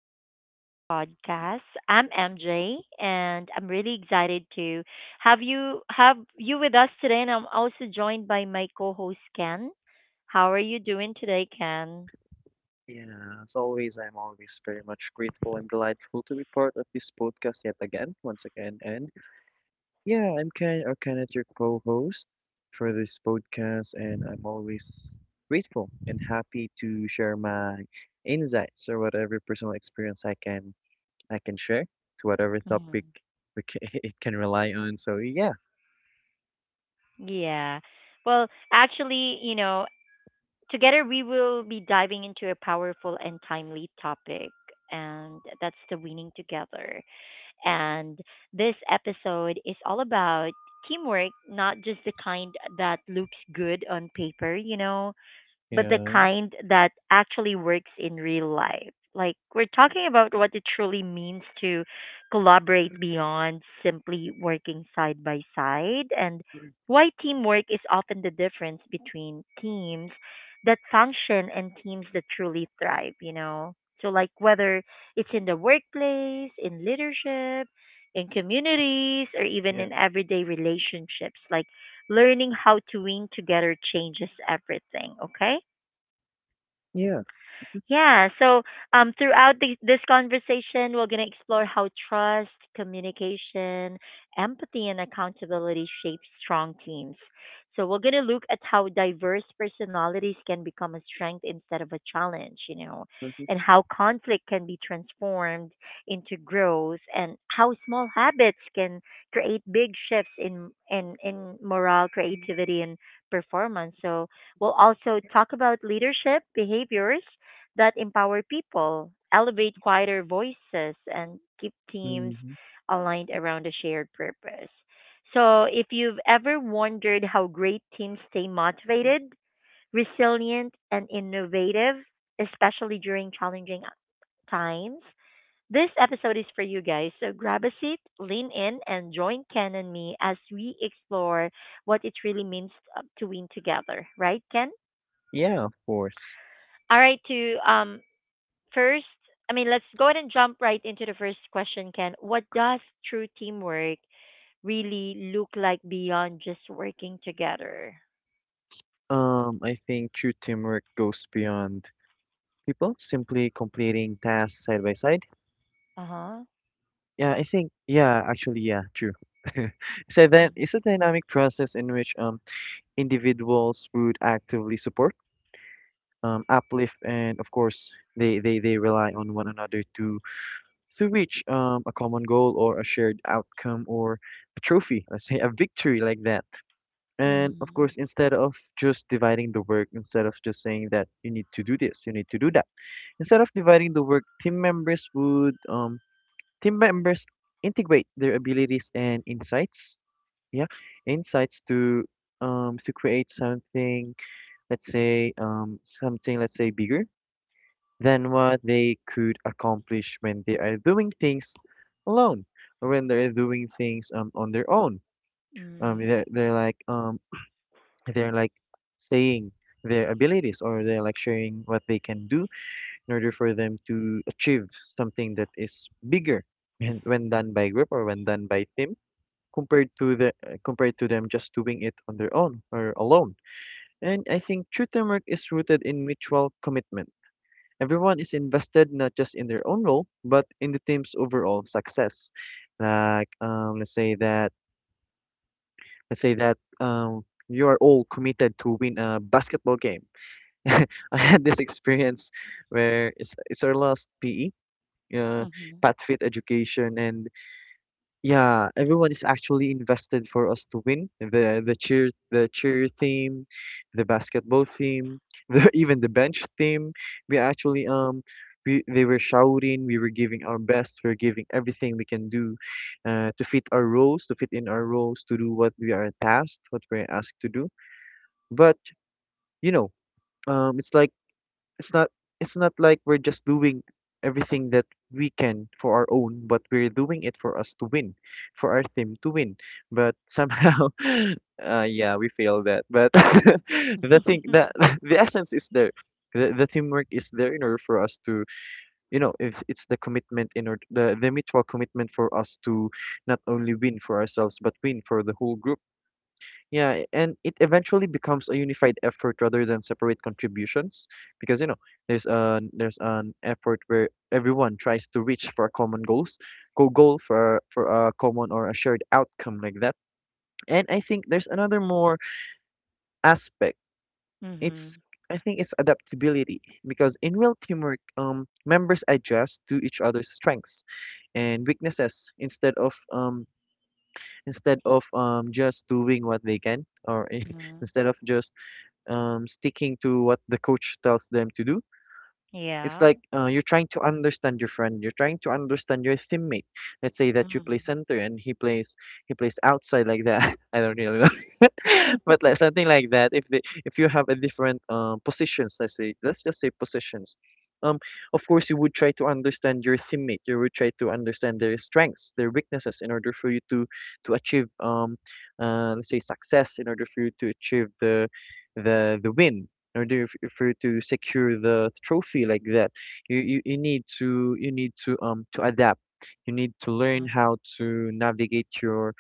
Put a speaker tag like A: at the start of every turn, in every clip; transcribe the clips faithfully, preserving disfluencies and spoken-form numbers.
A: back again to the podcast. I'm M J, and I'm really excited to have you have you with us today. And I'm also joined by my co-host Ken. How are you doing today, Ken?
B: Yeah, as always, I'm always very much grateful and delightful to be part of this podcast yet again, once again. And yeah, I'm Ken or Kenneth, your co-host for this podcast, and I'm always grateful and happy to share my insights or whatever personal experience I can I can share to whatever topic
A: Mhm.
B: we ca it can rely on. So yeah,
A: Yeah. Well, actually, you know, Together we will be diving into a powerful and timely topic, and that's the winning together. And this episode is all about teamwork, not just the kind that looks good on paper, you know, but the
B: yeah,
A: kind that actually works in real life. Like we're talking about what it truly means to collaborate beyond simply working side by side, and
B: mm,
A: why teamwork is often the difference between teams that function and teams that truly thrive, you know. So like whether it's in the workplace, in leadership, in communities, or even
B: yeah,
A: in everyday relationships, like learning how to win together changes everything, okay?
B: yeah.
A: Yeah, so um, throughout this, this conversation, we're going to explore how trust, communication, empathy, and accountability shape strong teams. So we're going to look at how diverse personalities can become a strength instead of a challenge, you know,
B: Mm-hmm.
A: and how conflict can be transformed into growth, and how small habits can create big shifts in in in morale, creativity, and performance. So we'll also talk about leadership behaviors that empower people, elevate quieter voices, and keep teams
B: Mm-hmm.
A: aligned around a shared purpose. So, if you've ever wondered how great teams stay motivated, resilient, and innovative, especially during challenging times, this episode is for you guys. So, grab a seat, lean in, and join Ken and me as we explore what it really means uh, to win together, right, Ken?
B: Yeah, of course.
A: All right, to um First, I mean, let's go ahead and jump right into the first question, Ken. What does true teamwork really look like beyond just working together?
B: Um, I think true teamwork goes beyond people simply completing tasks side by side.
A: Uh huh.
B: Yeah, I think yeah, actually yeah, true. So then
A: Mm-hmm.
B: it's a dynamic process in which um individuals would actively support, um uplift, and of course they they they rely on one another to to reach um a common goal or a shared outcome or a trophy, let's say a victory like that. And of
A: Mm-hmm.
B: course instead of just dividing the work, instead of just saying that you need to do this, you need to do that. Instead of dividing the work, team members would um Team members integrate their abilities and insights, yeah, insights to um to create something, let's say um something, let's say bigger than what they could accomplish when they are doing things alone or when they're doing things um on their own. Um
A: Mm-hmm.
B: they're they're like um they're like saying their abilities or they're like sharing what they can do in order for them to achieve something that is bigger and when done by group or when done by team compared to the uh, compared to them just doing it on their own or alone. And I think true teamwork is rooted in mutual commitment. Everyone is invested not just in their own role, but in the team's overall success. Like um, let's say that let's say that um, you are all committed to win a basketball game. I had this experience where it's it's our last P E, uh,
A: Mm-hmm.
B: path fit education, and yeah, everyone is actually invested for us to win. The the cheer the cheer team, the basketball team, the, even the bench team. We actually um we They were shouting, we were giving our best, we are giving everything we can do uh, to fit our roles, to fit in our roles, to do what we are tasked, what we're asked to do. But you know, um it's like it's not it's not like we're just doing everything that we can for our own, but we're doing it for us to win, for our team to win, but somehow uh, yeah, we fail that, but the thing that the essence is there, the, the teamwork is there in order for us to, you know, if it's the commitment in order, the, the mutual commitment for us to not only win for ourselves but win for the whole group. Yeah, and it eventually becomes a unified effort rather than separate contributions, because you know, there's an there's an effort where everyone tries to reach for a common goals, go goal for for a common or a shared outcome like that. And I think there's another more aspect.
A: Mm-hmm.
B: It's I think it's adaptability because in real teamwork, um, members adjust to each other's strengths and weaknesses, instead of um instead of um just doing what they can, or
A: Hmm.
B: instead of just um, sticking to what the coach tells them to do. It's
A: Yeah.
B: like uh, you're trying to understand your friend. You're trying to understand your teammate. Let's say that you play
A: Mm-hmm.
B: center and he plays he plays outside like that. I don't really know. But like something like that, if they if you have a different um positions, let's say, let's just say positions, um of course you would try to understand your teammate, you would try to understand their strengths, their weaknesses in order for you to to achieve um uh, let's say success, in order for you to achieve the the the win, in order f- for you to secure the trophy like that. You you, you need to you need to um to adapt, you need to learn how to navigate your,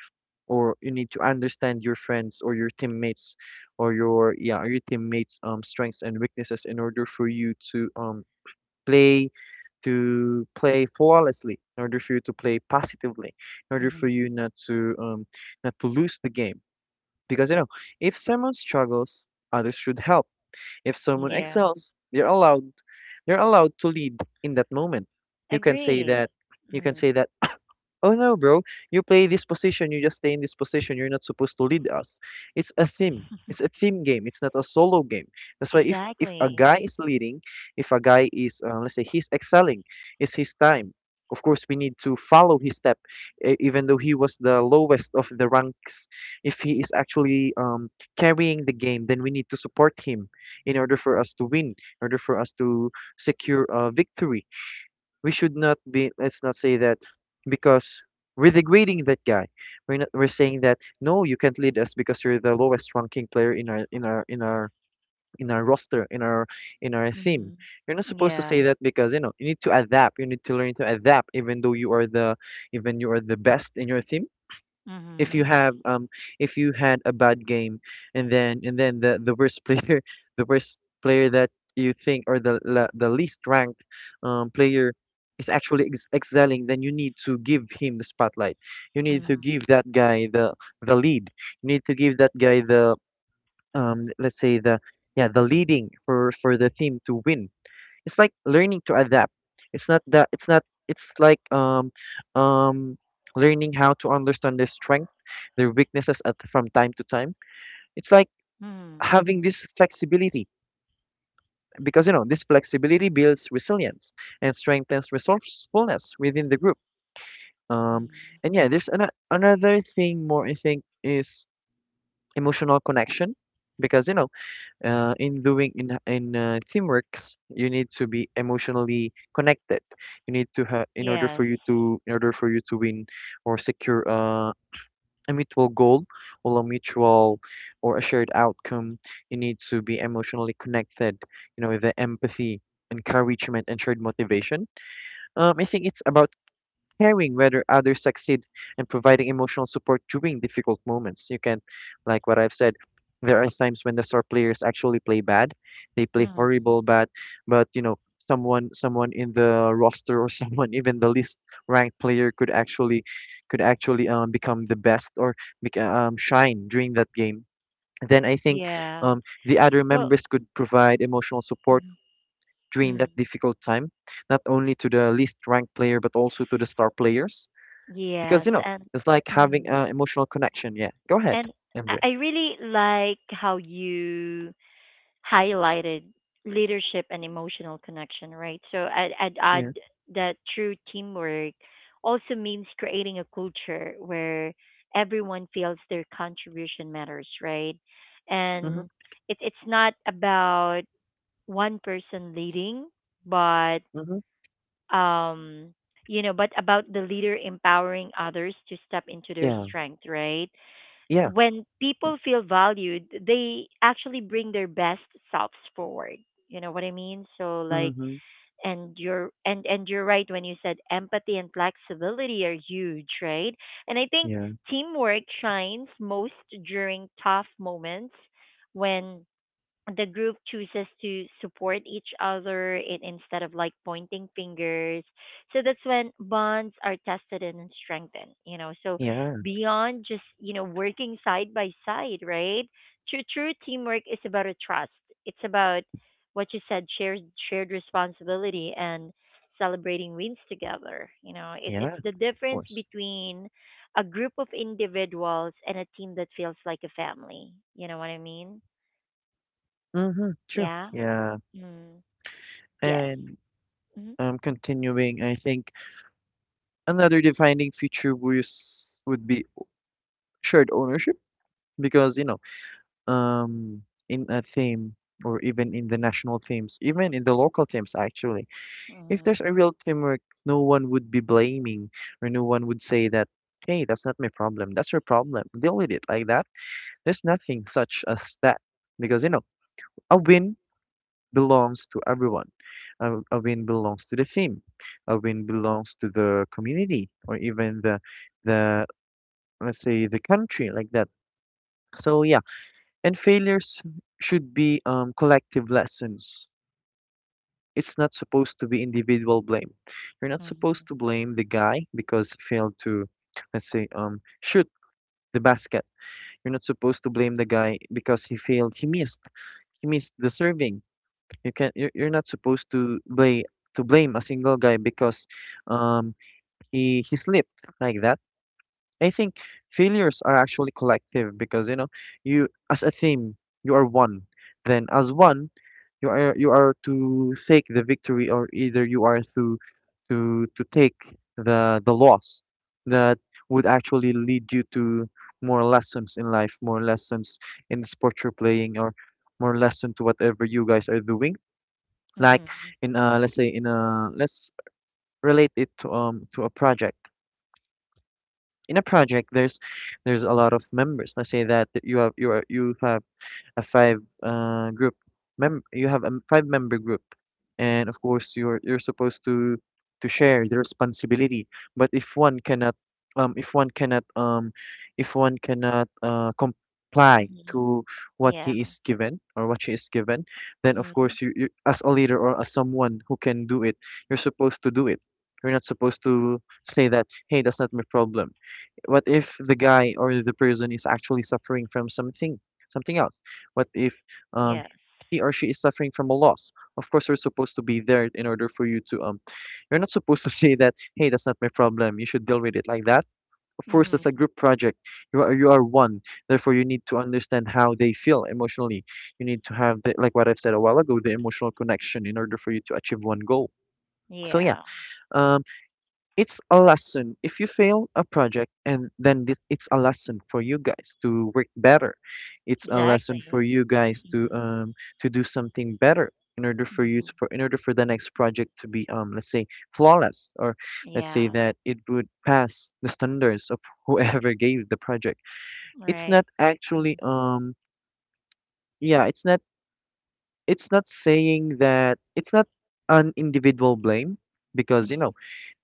B: or you need to understand your friends or your teammates, or your yeah your teammates um strengths and weaknesses in order for you to um play, to play flawlessly, in order for you to play positively, in order for
A: Mm-hmm.
B: you not to um not to lose the game. Because you know, if someone struggles others should help, if
A: Hmm.
B: someone
A: Yeah.
B: excels they're allowed they're allowed to lead in that moment. You can say
A: Agree.
B: that, you can say
A: Mm-hmm.
B: that, oh no, bro. You play this position, you just stay in this position. You're not supposed to lead us. It's a team. It's a team game. It's not a solo game. That's why if if a
A: Exactly.
B: guy is leading, if a guy is uh, let's say he's excelling, it's his time. Of course, we need to follow his step, e- even though he was the lowest of the ranks. If he is actually um, carrying the game, then we need to support him in order for us to win, in order for us to secure a victory. We should not be, let's not say that, because we're degrading that guy. We're not we're saying that, no, you can't lead us because you're the lowest ranking player in our in our in our in our roster, in our in our team.
A: Mm-hmm.
B: You're not supposed to say
A: Yeah.
B: that, because you know you need to adapt, you need to learn to adapt, even though you are the, even you are the best in your team, if you
A: Mm-hmm.
B: have um if you had a bad game, and then and then the the worst player the worst player that you think, or the la- the least ranked um player is actually ex- excelling, then you need to give him the spotlight, you need to
A: Mm-hmm.
B: give that guy the the lead, you need to give that guy the um let's say the, yeah, the leading for for the team to win. It's like learning to adapt. It's not that it's not It's like um um learning how to understand their strength, their weaknesses at from time to time. It's like
A: Mm-hmm.
B: having this flexibility, because you know this flexibility builds resilience and strengthens resourcefulness within the group. Um and yeah, there's an, another thing more I think is emotional connection, because you know uh, in doing in in uh, teamworks you need to be emotionally connected, you need to have, in order
A: Yes.
B: for you to, in order for you to win or secure uh, a mutual goal or a mutual or a shared outcome, you need to be emotionally connected. You know, the empathy, encouragement, and shared motivation, um, I think it's about caring whether others succeed and providing emotional support during difficult moments. You can, like what I've said, there are times when the star players actually play bad. They play
A: Mm-hmm.
B: horrible bad, but you know, someone someone in the roster, or someone even the least ranked player could actually could actually um, become the best, or bec- um, shine during that game. Then I think
A: Yeah.
B: um, the other
A: Well,
B: members could provide emotional support
A: mm,
B: during
A: mm,
B: that difficult time, not only to the least ranked player but also to the star players. Because,
A: yes,
B: you know,
A: and
B: it's like having
A: mm,
B: an emotional connection. Yeah. Go ahead,
A: and I
B: M J.
A: I really like how you highlighted leadership and emotional connection, right? So I'd, I'd
B: Yeah.
A: add that true teamwork also means creating a culture where everyone feels their contribution matters, right?
B: Mm-hmm.
A: And it, it's not about one person leading, but
B: Mm-hmm.
A: um you know but about the leader empowering others to step into their
B: Yeah.
A: strength, right?
B: Yeah.
A: When people feel valued, they actually bring their best selves forward, you know what I mean so like
B: Mm-hmm.
A: and you're and and you're right when you said empathy and flexibility are huge, right? And I think
B: Yeah.
A: teamwork shines most during tough moments when the group chooses to support each other in, instead of like pointing fingers. So that's when bonds are tested and strengthened, you know. So
B: Yeah.
A: beyond just, you know, working side by side, right? True, true teamwork is about a trust. It's about what you said, shared shared responsibility and celebrating wins together. You know, it,
B: Yeah.
A: it's
B: Of
A: the difference
B: course.
A: between a group of individuals and a team that feels like a family. You know what I mean?
B: Mm-hmm. True.
A: Yeah.
B: Yeah.
A: Mm. Yes.
B: And
A: Mm-hmm.
B: um, continuing, I think another defining feature was would be shared ownership, because, you know, um, in a theme or even in the national themes, even in the local themes, actually, if
A: Mhm.
B: there's a real teamwork, no one would be blaming, or no one would say that, hey, that's not my problem. That's your problem. Deal with it like that. There's nothing such as that because, you know, a win belongs to everyone. A, a win belongs to the team. A win belongs to the community or even the, the let's say, the country like that. So, yeah. And failures should be um, collective lessons, it's not supposed to be individual blame. You're not supposed
A: Mhm.
B: to blame the guy because he failed to, let's say, um, shoot the basket. You're not supposed to blame the guy because he failed. He missed. He missed the serving. You can. You're, you're not supposed to blame to blame a single guy because, um, he he slipped like that. I think failures are actually collective because you know, you as a team, you are one. Then as one, you are you are to take the victory, or either you are to to to take the the loss that would actually lead you to more lessons in life, more lessons in the sport you're playing, or more lesson to whatever you guys are doing. Like,
A: Mhm.
B: in uh let's say, in a let's relate it to um to a project. In a project, there's there's a lot of members. Let's say that you have you are you have a five uh group mem you have a five member group, and of course you're you're supposed to to share the responsibility. But if one cannot um if one cannot um if one cannot uh comply
A: Mhm.
B: to what
A: Yeah.
B: he is given or what she is given, then of
A: Mm.
B: course you, you as a leader or as someone who can do it, you're supposed to do it. You're not supposed to say that, hey, that's not my problem. What if the guy or the person is actually suffering from something something else? What if um
A: Yes.
B: he or she is suffering from a loss? Of course we're supposed to be there in order for you to um you're not supposed to say that, hey, that's not my problem, you should deal with it, like that. Of course that's a
A: Mm-hmm.
B: group project. You are you are one. Therefore, you need to understand how they feel emotionally. You need to have the, like what I've said a while ago, the emotional connection, in order for you to achieve one goal. So yeah,
A: Yeah.
B: um it's a lesson. If you fail a project and then th- it's a lesson for you guys to work better. It's a lesson for
A: Exactly.
B: you guys to
A: Mm.
B: um to do something better in order for you
A: Mhm.
B: to, for in order for the next project to be um let's say flawless, or let's say
A: Yeah.
B: that it would pass the standards of whoever gave the project. It's
A: Right.
B: not actually
A: Mhm.
B: um yeah, it's not it's not saying that it's not an individual blame,
A: Mhm.
B: because, you know,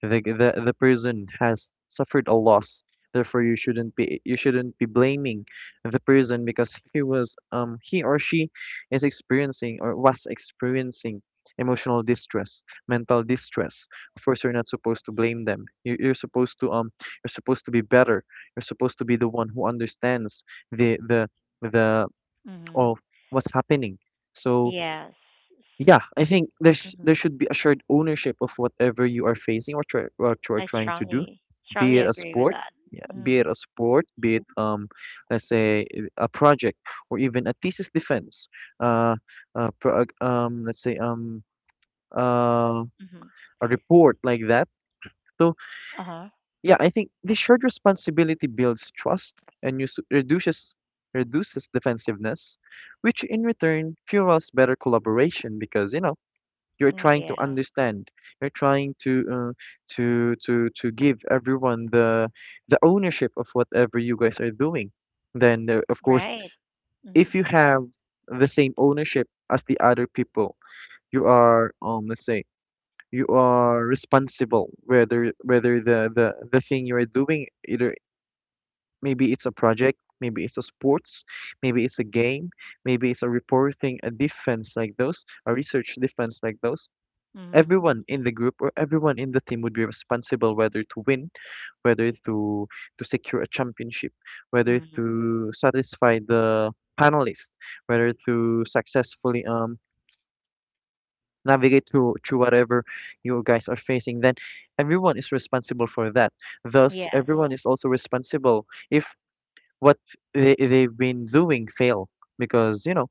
B: the the, the person has suffered a loss. Therefore you shouldn't be you shouldn't be blaming the person, because he was um he or she is experiencing or was experiencing emotional distress, mental distress. Of course you're not supposed to blame them. You, you're supposed to um you're supposed to be better. You're supposed to be the one who understands the the the
A: Mhm.
B: all what's happening. So
A: Yes.
B: yeah, I think there's there
A: Mhm.
B: should be a shared ownership of whatever you are facing, or try, what you are
A: I
B: trying to do,
A: strongly,
B: be
A: strongly
B: it a
A: agree with
B: sport.
A: that.
B: Yeah, be it
A: Mm.
B: a sport, be it um, let's say uh, a project, or even a thesis defense, uh, uh, pro, um, let's say um, uh,
A: Mhm.
B: a report, like that. So
A: Uh-huh.
B: yeah, I think this shared responsibility builds trust, and use, reduces reduces defensiveness, which in return fuels better collaboration because, you know, you're
A: Mm,
B: trying to
A: yeah.
B: understand. You're trying to uh, to to to give everyone the the ownership of whatever you guys are doing. Then uh, of course,
A: Right. Mm-hmm.
B: if you have the same ownership as the other people, you are um let's say you are responsible, whether whether the the the thing you are doing, either maybe it's a project, maybe it's a sports, maybe it's a game, maybe it's a reporting, a defense like those, a research defense like those.
A: Mhm.
B: Everyone in the group or everyone in the team would be responsible, whether to win, whether to to secure a championship, whether
A: Mhm.
B: to satisfy the panelists, whether to successfully um navigate through through whatever you guys are facing. Then everyone is responsible for that. Thus,
A: Yes.
B: everyone is also responsible if what they, they've been doing fail, because, you know,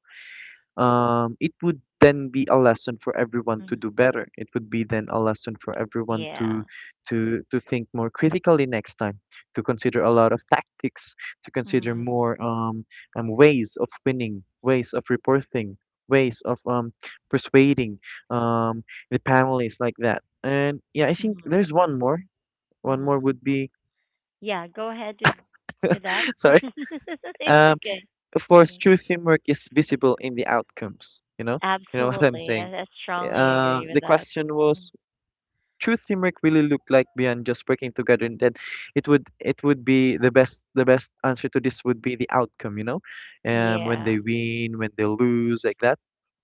B: um, it would then be a lesson for everyone to
A: Mhm.
B: do better. It would be then a lesson for everyone
A: Yeah.
B: to to to think more critically next time, to consider a lot of tactics, to consider
A: Mm-hmm.
B: more um, um ways of winning, ways of reporting, ways of um persuading um the panelists, like that. And yeah, I think
A: Mhm.
B: there's one more. One more
A: Mhm.
B: would be —
A: Yeah, go ahead with with that.
B: sorry.
A: It's
B: Um,
A: okay.
B: of course,
A: Mhm.
B: true teamwork is visible in the outcomes. You know, you know what I'm
A: Absolutely. I,
B: saying.
A: I strongly
B: Uh,
A: agree with
B: the
A: that.
B: question
A: Mm.
B: was, true teamwork really look like beyond just working together, and then it would it would be the best the best answer to this would be the outcome, you know. Um when
A: Yeah.
B: they win, when they lose, like that,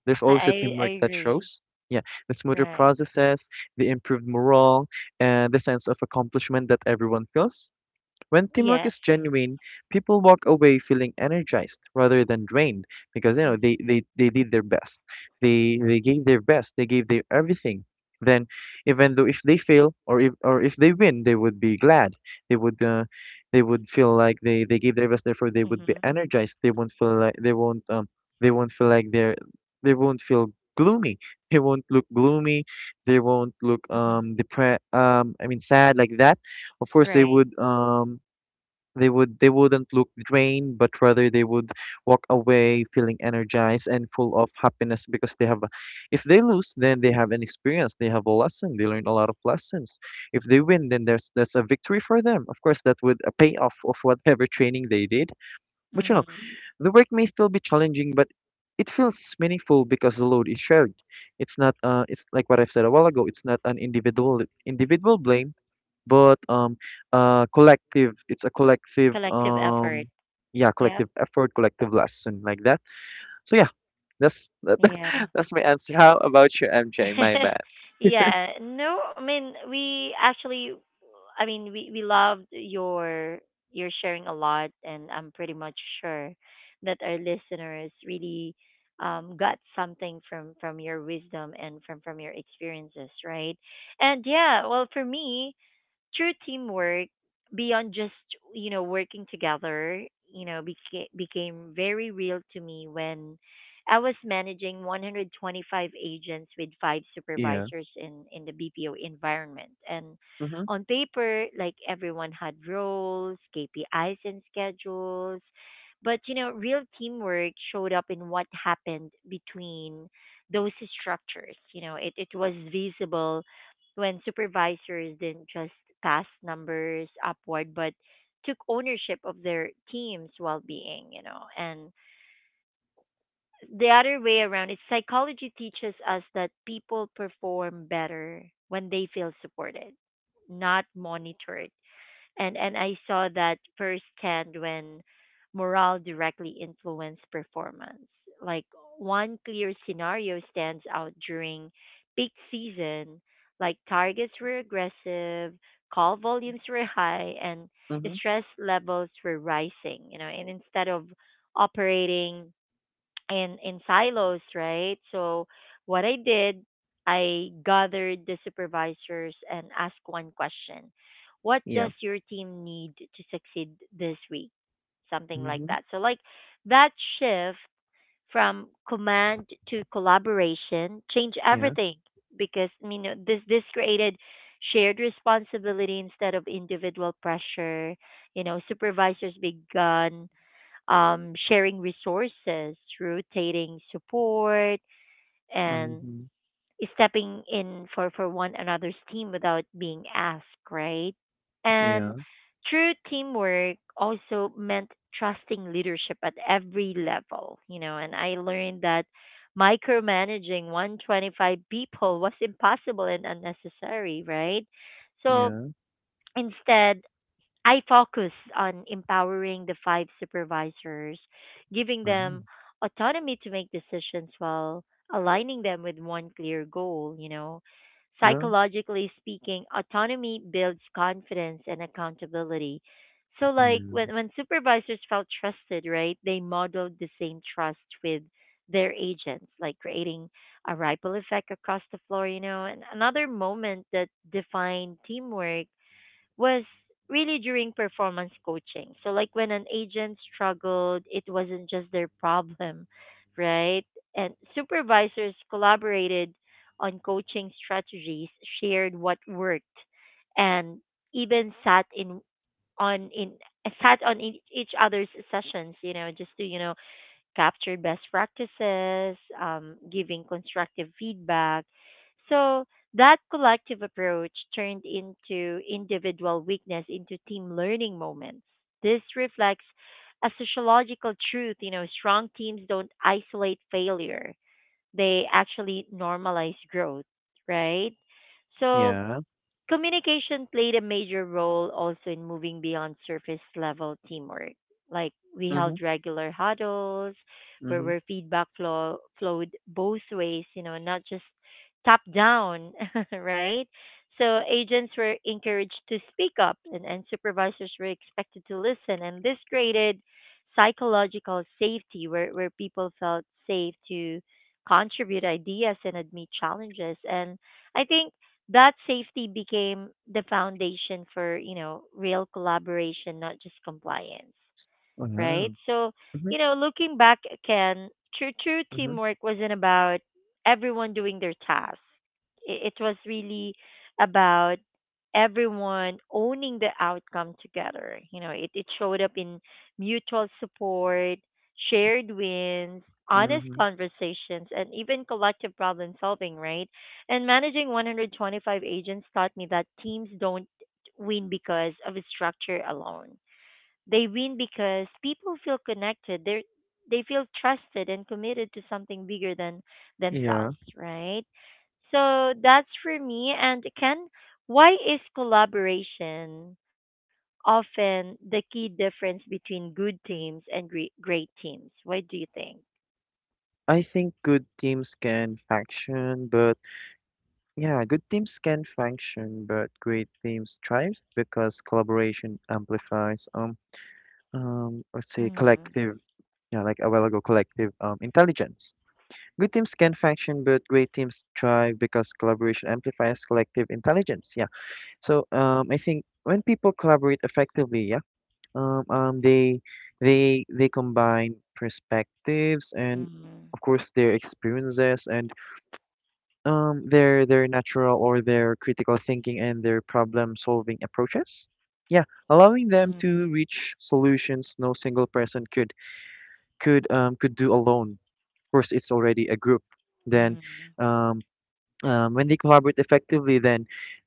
B: there's
A: I
B: always a
A: I, I
B: teamwork that
A: agree.
B: shows. Yeah, the smoother
A: Right.
B: processes, the improved morale, and the sense of accomplishment that everyone feels. When teamwork
A: Yes.
B: is genuine, people walk away feeling energized rather than drained, because, you know,
A: Mhm.
B: they they, they did their best. They they gave their best. They gave their everything. Then, even though if they fail, or if or if they win, they would be glad. They would uh, they would feel like they they gave their best. Therefore, they would be
A: Mhm.
B: energized. They won't feel like they won't, um they won't feel like they're they won't feel gloomy. They won't look gloomy. They won't look
A: Mhm.
B: um depre um I mean sad, like that. Of course, they
A: Right.
B: would um they would they wouldn't look drained, but rather they would walk away feeling energized and full of happiness, because they have a, if they lose, then they have an experience, they have a lesson, they learn a lot of lessons. If they win, then there's there's a victory for them. Of course, that would a payoff of whatever training they did. But you know,
A: Mhm.
B: the work may still be challenging, but it feels meaningful because the load is shared. It's not uh, It's like what I've said a while ago. It's not an individual individual blame, but um uh collective it's a collective
A: Collective effort.
B: um yeah,
A: Yep.
B: collective effort, collective lesson, like that. So yeah, that's that,
A: Yeah.
B: that's my answer. How about you, M J? My bad.
A: Yeah. No, I mean we actually I mean we we loved your your sharing a lot, and I'm pretty much sure that our listeners really um got something from from your wisdom and from from your experiences, right? And yeah, well, for me, true teamwork, beyond just you know working together, you know became became very real to me when I was managing one hundred twenty-five agents with five
B: Yeah.
A: supervisors in in the B P O environment, and
B: Mhm.
A: on paper, like, everyone had roles, K P Is and schedules, but you know real teamwork showed up in what happened between those structures. You know, it it was visible when supervisors didn't just pass numbers upward but took ownership of their team's well-being, you know. And the other way around is psychology teaches us that people perform better when they feel supported, not monitored, and and I saw that firsthand when morale directly influenced performance. Like, one clear scenario stands out during peak season. Like, targets were aggressive, call volumes were high, and
B: Mhm.
A: stress levels were rising. You know, and instead of operating in in silos, right? So what I did, I gathered the supervisors and asked one question. What
B: Yeah.
A: does your team need to succeed this week? Something like
B: Mhm.
A: that. So like that shift from command to collaboration changed
B: Yeah.
A: everything, because you know this this created shared responsibility instead of individual pressure. You know, supervisors began um, sharing resources, rotating support, and
B: Mhm.
A: stepping in for, for one another's team without being asked, right?
B: Yeah.
A: And true teamwork also meant trusting leadership at every level, you know, and I learned that micromanaging one hundred twenty-five people was impossible and unnecessary, right? So
B: Yeah.
A: instead, I focus on empowering the five supervisors, giving
B: Wow.
A: them autonomy to make decisions while aligning them with one clear goal, you know.
B: Yeah.
A: Psychologically speaking, autonomy builds confidence and accountability. So
B: Yeah.
A: like when, when supervisors felt trusted, right, they modeled the same trust with their agents, like creating a ripple effect across the floor, you know. And another moment that defined teamwork was really during performance coaching. So like when an agent struggled, it wasn't just their problem, right? And supervisors collaborated on coaching strategies, shared what worked, and even sat in on in sat on each, each other's sessions, you know, just to, you know, capture best practices, um, giving constructive feedback. So that collective approach turned into individual weakness into team learning moments. This reflects a sociological truth. You know, strong teams don't isolate failure; they actually normalize growth, right? So
B: Yeah.
A: communication played a major role also in moving beyond surface level teamwork. Like, we
B: Mhm.
A: held regular huddles where,
B: Mhm.
A: where feedback flow, flowed both ways, you know, not just top down, right? So agents were encouraged to speak up, and, and supervisors were expected to listen. And this created psychological safety where, where people felt safe to contribute ideas and admit challenges. And I think that safety became the foundation for you know real collaboration, not just compliance,
B: Wow.
A: right?
B: Mhm.
A: So, you know, looking back, Ken, true true
B: Mhm.
A: teamwork wasn't about everyone doing their task. It, it was really about everyone owning the outcome together. You know, it, it showed up in mutual support, shared wins, honest
B: Mhm.
A: conversations, and even collective problem solving, right? And managing one hundred twenty-five agents taught me that teams don't win because of a structure alone, they win because people feel connected. They they feel trusted and committed to something bigger than
B: Yeah.
A: themselves, right? So that's for me. And Ken, why is collaboration often the key difference between good teams and great, great teams? Why do you think?
B: I think good teams can faction but Yeah, good teams can function, but great teams thrive because collaboration amplifies um um let's say
A: Mm,
B: collective, yeah, like a while ago, collective um intelligence. Good teams can function, but great teams thrive because collaboration amplifies collective intelligence. Yeah. So um I think when people collaborate effectively, yeah, um um they they they combine perspectives, and
A: mm,
B: of course their experiences, and um, their their natural, or their critical thinking, and their problem-solving approaches. Yeah, allowing them to
A: mm,
B: reach solutions no single person could could um could do alone. Of course, it's already a group. Then,
A: mm.
B: um, um, when they collaborate effectively, then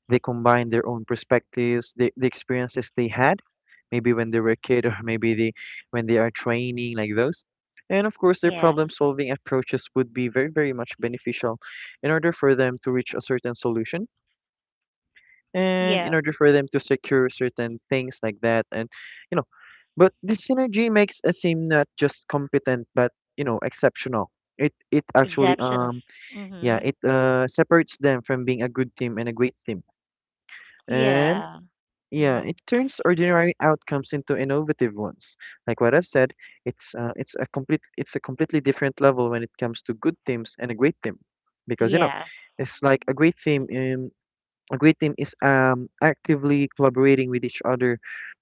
B: they combine their own perspectives, the, the experiences they had, maybe when they were a kid or maybe they, when they are training, like those. And of course, their
A: Yeah,
B: problem solving approaches would be very, very much beneficial in order for them to reach a certain solution, and
A: yeah,
B: in order for them to secure certain things, like that. And, you know, but this synergy makes a team not just competent, but, you know, exceptional. It, it actually
A: exceptional.
B: um yeah,
A: Mm-hmm.
B: it uh, separates them from being a good team and a great team. And
A: Yeah.
B: yeah,
A: Mm-hmm.
B: it turns ordinary outcomes into innovative ones. Like what I've said, it's uh, it's a complete it's a completely different level when it comes to good teams and a great team, because, you know,
A: Yes.
B: it's like a great team. Um, a great team is um actively collaborating with each other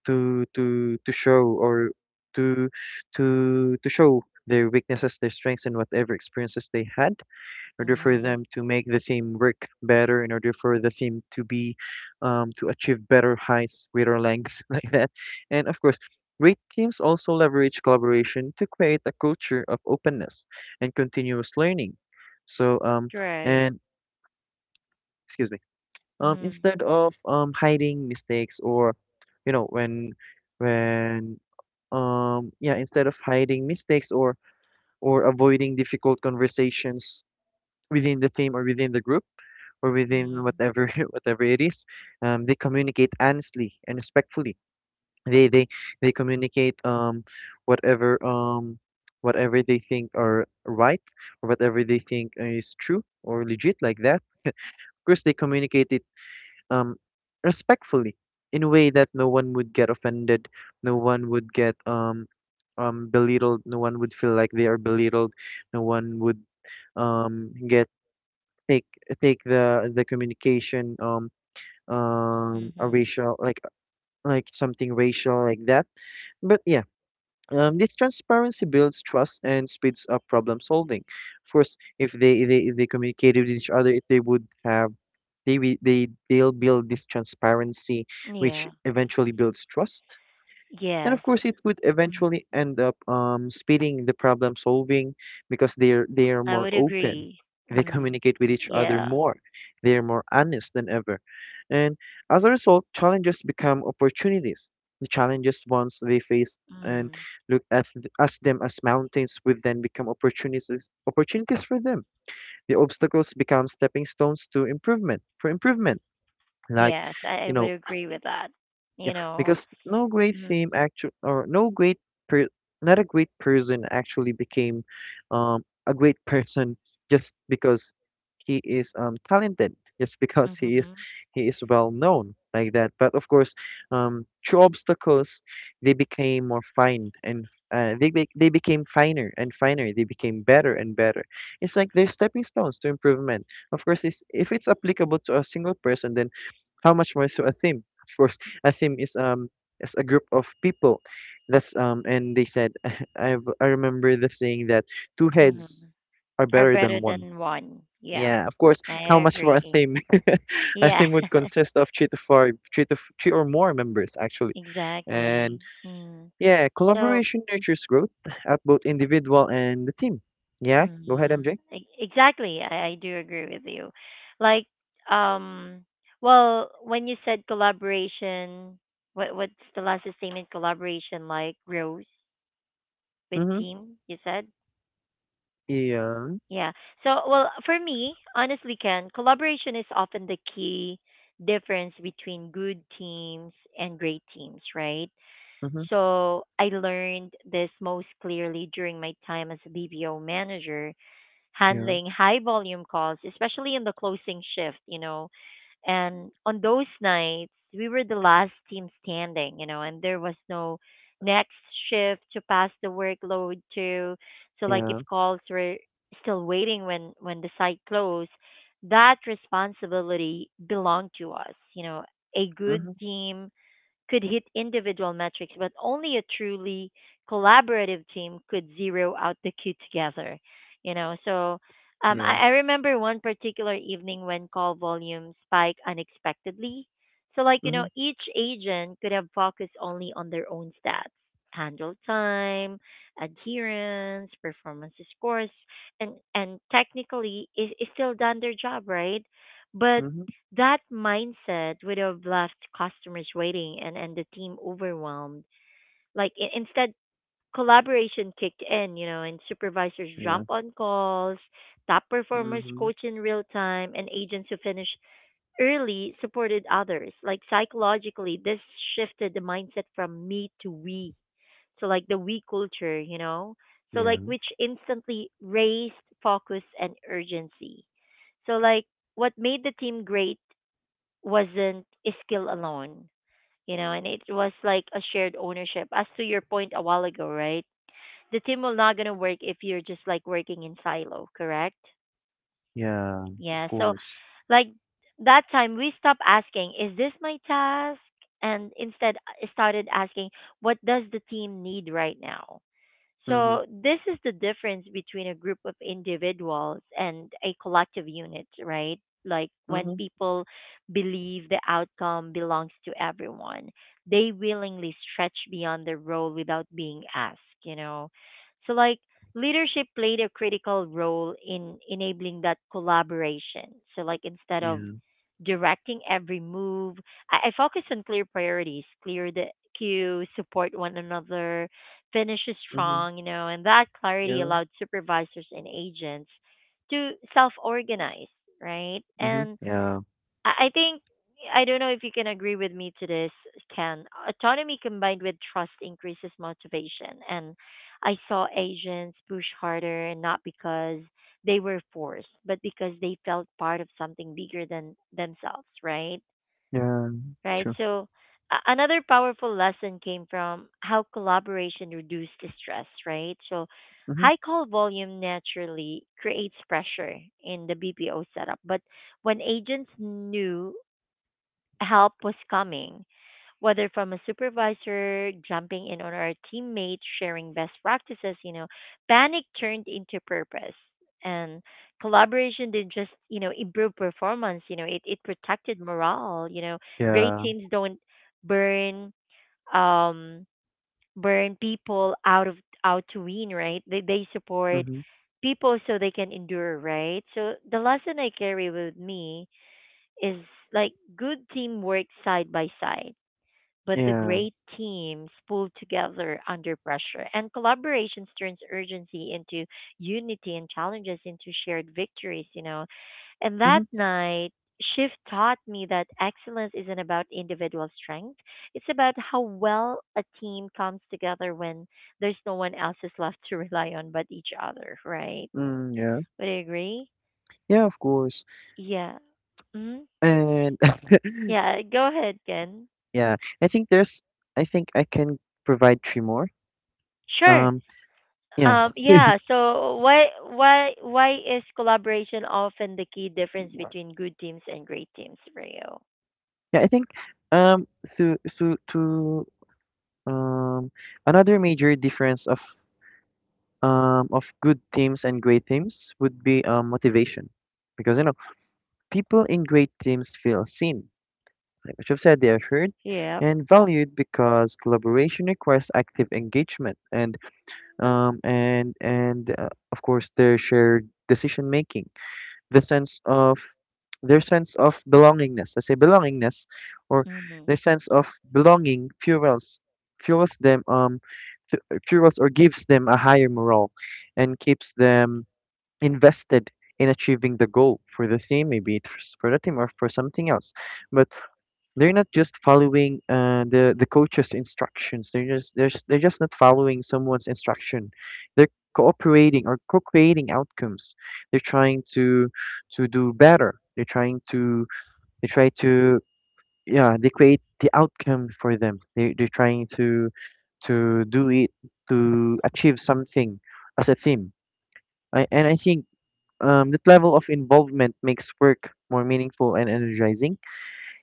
B: to to to show or to to to show their weaknesses, their strengths, and whatever experiences they had, order for
A: Mm-hmm.
B: them to make the theme work better, in order for the theme to be um, to achieve better heights, greater lengths, like that. And of course, great teams also leverage collaboration to create a culture of openness and continuous learning. So um
A: Right.
B: and excuse me um
A: Mm.
B: instead of um hiding mistakes, or you know when when um yeah instead of hiding mistakes, or or avoiding difficult conversations within the team or within the group or within
A: Mm.
B: whatever whatever it is. Um, they communicate honestly and respectfully. They they they communicate um whatever um whatever they think are right, or whatever they think is true or legit, like that. Of course, they communicate it um respectfully, in a way that no one would get offended, no one would get um um belittled, no one would feel like they are belittled, no one would um get take take the the communication um um a
A: Mhm.
B: racial, like like something racial, like that. But yeah, um, this transparency builds trust and speeds up problem solving. Of course if they they, they communicate with each other they would have, they will they they'll build this transparency, which
A: Yeah.
B: eventually builds trust, and of
A: Yes.
B: course it would
A: Mm.
B: eventually end up um, speeding the problem solving, because they're they are
A: I
B: more
A: would
B: open,
A: agree.
B: they
A: Mm.
B: communicate with each other
A: Yeah.
B: more, they're more honest than ever. And as a result, challenges become opportunities. The challenges once they face and
A: Mm.
B: look at th- as them as mountains would then become opportunities, opportunities for them. The obstacles become stepping stones to improvement, for improvement. Like,
A: Yes, I, I
B: you
A: would
B: know,
A: agree with that. You
B: yeah,
A: know.
B: because no great
A: Mm.
B: theme actually, or no great per, not a great person actually became um, a great person just because he is um, talented, just because he is,
A: Mhm.
B: he is well known, like that. But of course, um, through obstacles, they became more fine and uh, they be, they became finer and finer. They became better and better. It's like they're stepping stones to improvement. Of course, it's, if it's applicable to a single person, then how much more to a theme? Of course, a team is um is a group of people. That's um and they said, i i remember the saying that two heads
A: Mhm.
B: are
A: Are
B: better
A: better
B: than one.
A: than one. Yeah.
B: Yeah, of course,
A: I
B: how much for a
A: agree.
B: team? A
A: Yeah.
B: team would consist of three to four, three to f- three or more members actually.
A: Exactly.
B: And
A: Mm.
B: yeah,
A: So
B: collaboration nurtures growth at both individual and the team. Yeah, go ahead,
A: mm-hmm.
B: MJ.
A: Exactly. I, I do agree with you. Like, um, well, when you said collaboration, what what's the last statement? Collaboration, like Rose with
B: Mm-hmm.
A: team, you said?
B: Yeah.
A: Yeah. So, well, for me, honestly, Ken, collaboration is often the key difference between good teams and great teams, right?
B: Mm-hmm.
A: So, I learned this most clearly during my time as a B P O manager
B: Yeah.
A: handling high volume calls, especially in the closing shift, you know. And on those nights, we were the last team standing, you know, and there was no next shift to pass the workload to. So like if
B: Yeah.
A: calls were still waiting when when the site closed, that responsibility belonged to us, you know. A good
B: Mm-hmm.
A: team could hit individual metrics, but only a truly collaborative team could zero out the queue together. You know, so um,
B: Yeah.
A: I, I remember one particular evening when call volume spiked unexpectedly. So, like, you know,
B: Mm-hmm.
A: each agent could have focused only on their own stats, handle time, adherence, performance scores, and, and technically is, is still done their job, right? But
B: Mm-hmm.
A: that mindset would have left customers waiting, and, and the team overwhelmed. Like i- instead, collaboration kicked in, you know, and supervisors
B: Yeah.
A: jump on calls, top performers
B: Mm-hmm.
A: coach in real time, and agents who finish early supported others. Like psychologically, this shifted the mindset from me to we. So like the we culture, you know, so
B: Yeah.
A: like which instantly raised focus and urgency. So like what made the team great wasn't skill alone, you know, and it was like a shared ownership. As to your point a while ago, right? The team will not gonna work if you're just like working in silo, correct?
B: Yeah, of
A: Yeah. So
B: course.
A: like that time we stopped asking, is this my task? And instead uh, started asking, what does the team need right now?
B: Mhm,
A: So, this is the difference between a group of individuals and a collective unit, right? Like when
B: mhm.
A: people believe the outcome belongs to everyone, they willingly stretch beyond their role without being asked, you know? So, like, leadership played a critical role in enabling that collaboration. So, like, instead of
B: Yeah.
A: directing every move, I, I focus on clear priorities, clear the queue, support one another finishes
B: Mhm.
A: strong, you know, and that clarity
B: Yeah.
A: allowed supervisors and agents to self organize, right?
B: Mhm.
A: And
B: Yeah.
A: I I think, I don't know if you can agree with me to this, Ken. Autonomy combined with trust increases motivation. And I saw agents push harder, and not because they were forced, but because they felt part of something bigger than themselves, right?
B: Yeah.
A: right?
B: True.
A: So a- another powerful lesson came from how collaboration reduced the stress, right? So
B: Mhm.
A: high call volume naturally creates pressure in the B P O setup, but when agents knew help was coming, whether from a supervisor jumping in on our teammates sharing best practices, you know, panic turned into purpose and collaboration didn't just, you know, improve performance. You know it, it protected morale, you know. Great
B: Yeah.
A: teams don't burn um burn people out of out to win, right? They they support
B: Mhm.
A: people so they can endure, right? So the lesson I carry with me is like good teamwork side by side, but the
B: Yeah.
A: great teams pull together under pressure. And collaborations turns urgency into unity and challenges into shared victories, you know. And
B: Mhm.
A: that night, shift taught me that excellence isn't about individual strength. It's about how well a team comes together when there's no one else is left to rely on but each other, right?
B: Mm, yeah.
A: Would you agree?
B: Yeah, of course.
A: Yeah. hmm
B: And
A: Yeah, go ahead, Ken.
B: yeah, I think there's, I think I can provide three more.
A: Sure.
B: Um, yeah.
A: Um, yeah, so why why why is collaboration often the key difference between good teams and great teams for you?
B: Yeah, I think um so so to um another major difference of um of good teams and great teams would be um motivation. Because, you know, people in great teams feel seen, like what you've said, they are heard
A: Yep.
B: and valued because collaboration requires active engagement and um, and and uh, of course their shared decision making, the sense of, their sense of belongingness. I say belongingness, or their
A: Mhm.
B: sense of belonging fuels, fuels them, um fu- fuels, or gives them a higher morale, and keeps them invested in achieving the goal for the team, maybe it's for the team or for something else. But they're not just following uh, the the coach's instructions. They're just they're just, they're just not following someone's instruction. They're cooperating or co-creating outcomes. They're trying to to do better. They're trying to they try to yeah, they create the outcome for them. They they're trying to to do it, to achieve something as a team. I, and I think um, that level of involvement makes work more meaningful and energizing.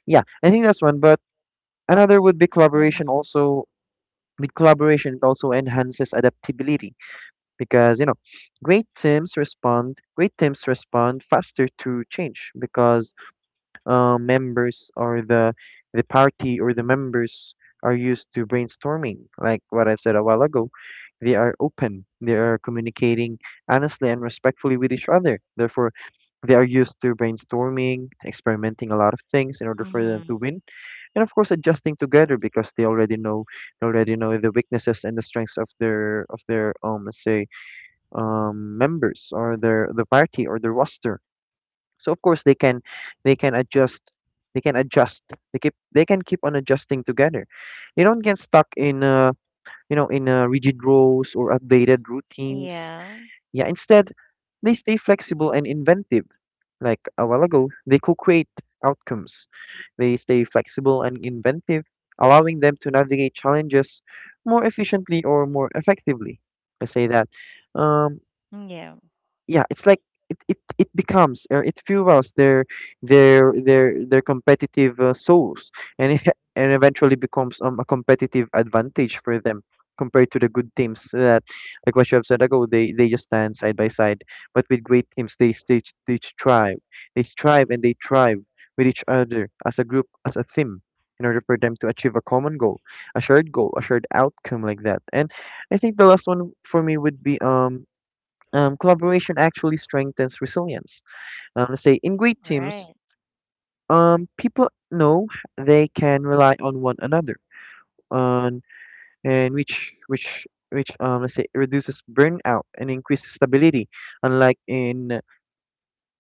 B: Yeah, I think that's one. But another would be collaboration.
A: Mhm.
B: Also, with collaboration, it also enhances adaptability because, you know, great teams respond. Great teams respond faster to change because uh, members, or the the party, or the members, are used to brainstorming, like what I've said a while ago. They are open. They are communicating honestly and respectfully with each other. Therefore, they are used to brainstorming, experimenting a lot of things in order for them
A: Mhm.
B: to win, and of course adjusting together, because they already know, they already know the weaknesses and the strengths of their of their um let's say, um members, or their the party, or the roster. So of course they can they can adjust they can adjust they keep they can keep on adjusting together. They don't get stuck in uh you know in uh, rigid roles or updated routines.
A: Yeah.
B: Yeah, instead they stay flexible and inventive, like a while ago, they co-create outcomes. They stay flexible and inventive, allowing them to navigate challenges more efficiently, or more effectively. Let's say that. Um,
A: Yeah.
B: yeah, it's like, it it, it becomes, or it fuels their their their their competitive uh, souls, and it, and eventually becomes um, a competitive advantage for them compared to the good teams that, like what you have said ago, they they just stand side by side. But with great teams, they they, they strive, they strive and they thrive with each other as a group, as a team, in order for them to achieve a common goal, a shared goal, a shared outcome, like that. And I think the last one for me would be um um, collaboration actually strengthens resilience. Um, let's say in great teams,
A: Right.
B: um, people know they can rely on one another, on and which which which um, let's say, reduces burnout and increases stability. Unlike in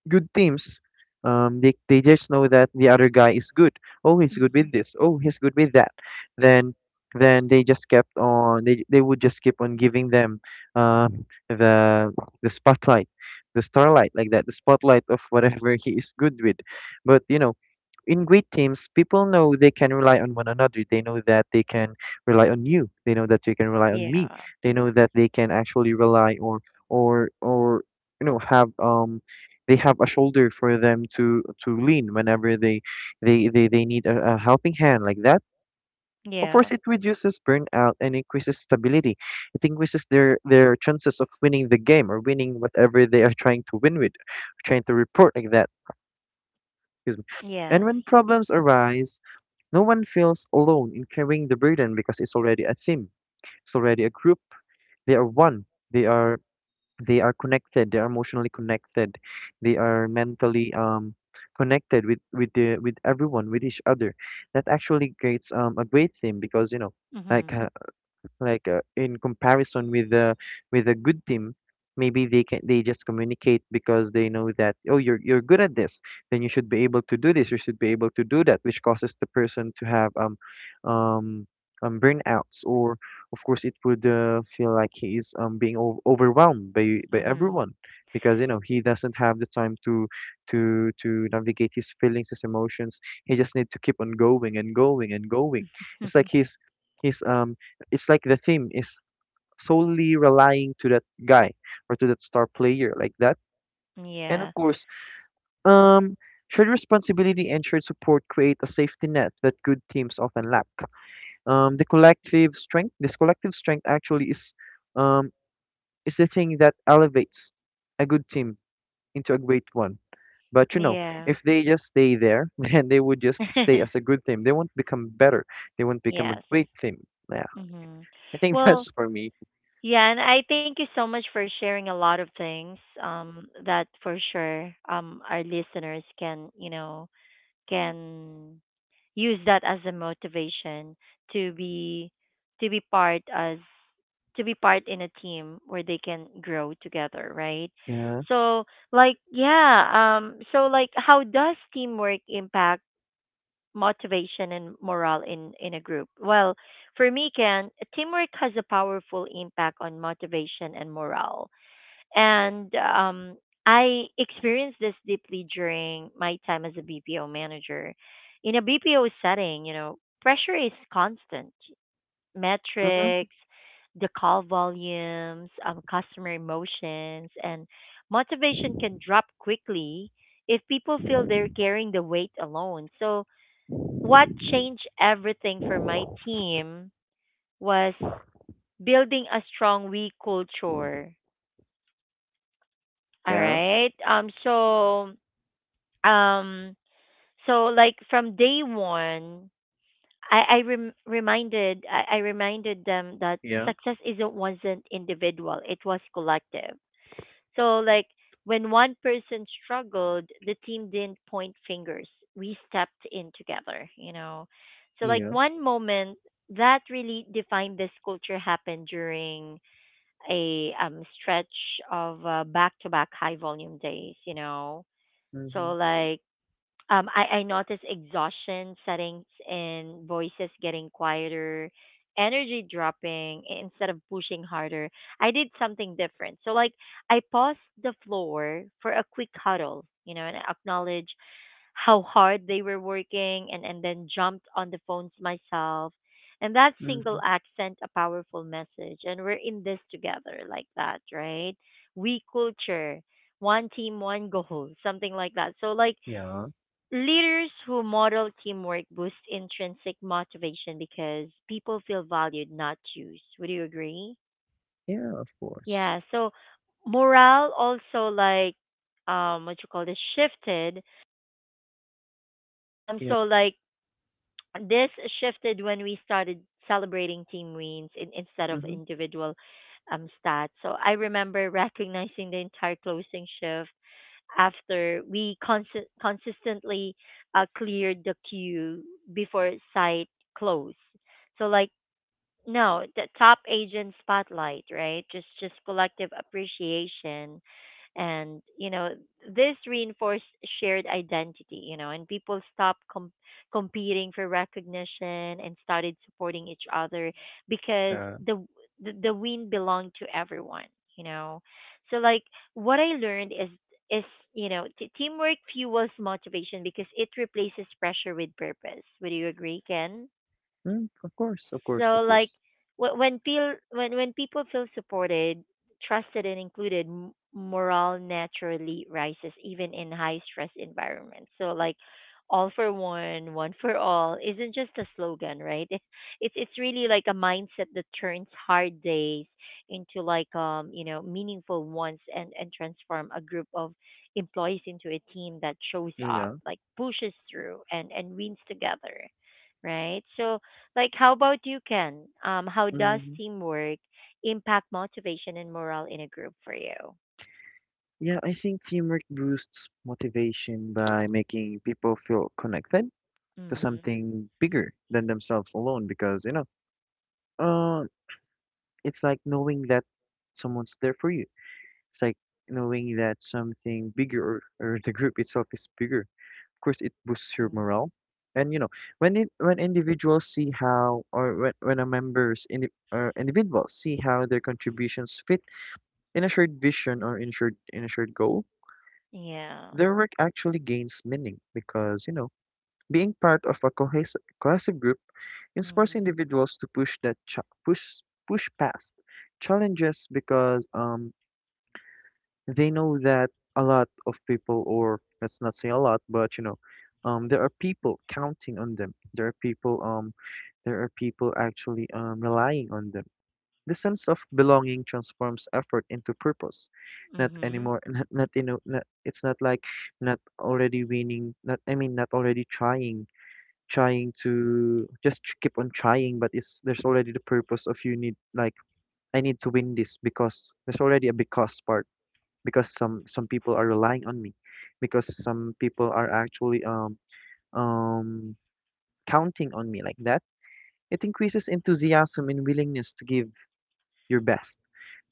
B: good teams. Um, they they just know that the other guy is good. Oh, he's good
A: Mhm.
B: with this. Oh, he's good with that. Then, then they just kept on. They they would just keep on giving them uh, the the spotlight, the starlight, like that, the spotlight of whatever he is good with. But you know, in great teams, people know they can rely on one another. They know that they can rely on you. They know that they can rely on me.
A: Yeah.
B: They know that they can actually rely, or or or you know, have um they have a shoulder for them to to lean whenever they they they, they need a, a helping hand, like that. Of
A: Yeah.
B: course it reduces burnout and increases stability. It increases their their chances of winning the game, or winning whatever they are trying to win with, trying to report, like that. Excuse me. And
A: Yes.
B: when problems arise, no one feels alone in carrying the burden, because it's already a team, it's already a group, they are one, they are they are connected, they are emotionally connected, they are mentally um connected with with the with everyone, with each other. That actually creates um a great theme, because you know, like
A: Mhm.
B: uh, like uh, in comparison with the, with a good team, maybe they can, they just communicate because they know that, oh you're you're good at this, then you should be able to do this, you should be able to do that, which causes the person to have um um um burnouts, or of course it would uh, feel like he is um being o- overwhelmed by by
A: Mhm.
B: everyone, because you know, he doesn't have the time to to to navigate his feelings, his emotions. He just need to keep on going and going and going. It's like he's, he's um it's like the theme is solely relying to that guy, or to that star player, like that. And
A: yeah.
B: of course, um, shared responsibility and shared support create a safety net that good teams often lack. Um, the collective strength, this collective strength actually is um, is the thing that elevates a good team into a great one. But you know,
A: Yeah.
B: if they just stay there, then they would just stay as a good team. They won't become better. They won't become a
A: yes.
B: great team. Yeah,
A: Mhm.
B: I think
A: Well,
B: that's for me.
A: yeah, and I thank you so much for sharing a lot of things um that for sure um our listeners can, you know, can use that as a motivation to be to be part as to be part in a team where they can grow together, right?
B: Yeah.
A: So, like yeah, um so like how does teamwork impact motivation and morale in, in a group? Well, for me, Ken, teamwork has a powerful impact on motivation and morale. And um, I experienced this deeply during my time as a B P O manager. In a B P O setting, you know, pressure is constant.
B: Mm-hmm.
A: Metrics, the call volumes, um, customer emotions, and motivation can drop quickly if people feel they're carrying the weight alone. So what changed everything for my team was building a strong we culture. All
B: Yeah.
A: right. Um. So. Um. So like from day one, I I rem- reminded I, I reminded them that
B: Yeah,
A: success isn't wasn't individual. It was collective. So like when one person struggled, the team didn't point fingers. We stepped in together, you know. So like
B: yeah.
A: one moment that really defined this culture happened during a um stretch of uh, back-to-back high volume days, you know. So
B: Mhm,
A: like um, I, I noticed exhaustion settings in voices getting quieter, energy dropping i- instead of pushing harder. I did something different. So, like, I paused the floor for a quick huddle, you know, and acknowledge how hard they were working, and, and then jumped on the phones myself. And that single
B: mhm.
A: act sent a powerful message. And we're in this together, like that, right? We culture, one team, one goal, something like that. So, like,
B: Yeah,
A: leaders who model teamwork boost intrinsic motivation because people feel valued, not used. Would you agree?
B: yeah, of course.
A: Yeah. So morale also like um what you call this shifted. Um
B: Yeah,
A: so like this shifted when we started celebrating team wins in, instead of
B: mhm.
A: individual um stats. So I remember recognizing the entire closing shift after we consi- consistently uh, cleared the queue before site closed. So like no the top agent spotlight, right? just just collective appreciation, and you know this reinforced shared identity, you know, and people stopped com- competing for recognition and started supporting each other because
B: Yeah,
A: the the, the win belonged to everyone, you know. So like what I learned is is you know t- teamwork fuels motivation because it replaces pressure with purpose. Would you agree, Ken?
B: mm, of course, of course,
A: So
B: of
A: like
B: course.
A: wh- when feel when when people feel supported, trusted and included, m- morale naturally rises even in high stress environments. So like all for one, one for all isn't just a slogan, right? It's it's really like a mindset that turns hard days into like um, you know, meaningful ones and and transform a group of employees into a team that shows up,
B: Yeah,
A: like pushes through and and wins together, right? So like, how about you, Ken? Um, how does
B: mhm.
A: teamwork impact motivation and morale in a group for you?
B: Yeah, I think teamwork boosts motivation by making people feel connected to
A: Mm-hmm.
B: something bigger than themselves alone, because, you know, uh, it's like knowing that someone's there for you. It's like knowing that something bigger, or, or the group itself, is bigger. Of course it boosts your morale. And you know, when it, when individuals see how, or when, when a members indi, or individuals, see how their contributions fit in a shared vision, or in shared, in a shared goal,
A: Yeah.
B: their work actually gains meaning, because, you know, being part of a cohesive cohesive group inspires
A: Mm-hmm.
B: individuals to push that ch, push push past challenges, because um they know that a lot of people, or let's not say a lot, but you know, um, there are people counting on them. There are people, um, there are people actually um, relying on them. The sense of belonging transforms effort into purpose. Not
A: Mm-hmm.
B: anymore, not, not, you know, not, it's not like not already winning. Not, I mean, not already trying, trying to just tr- keep on trying. But it's, there's already the purpose of, you need, like, I need to win this, because there's already a because part, because some, some people are relying on me, because some people are actually um um counting on me, like that. It increases enthusiasm and willingness to give your best,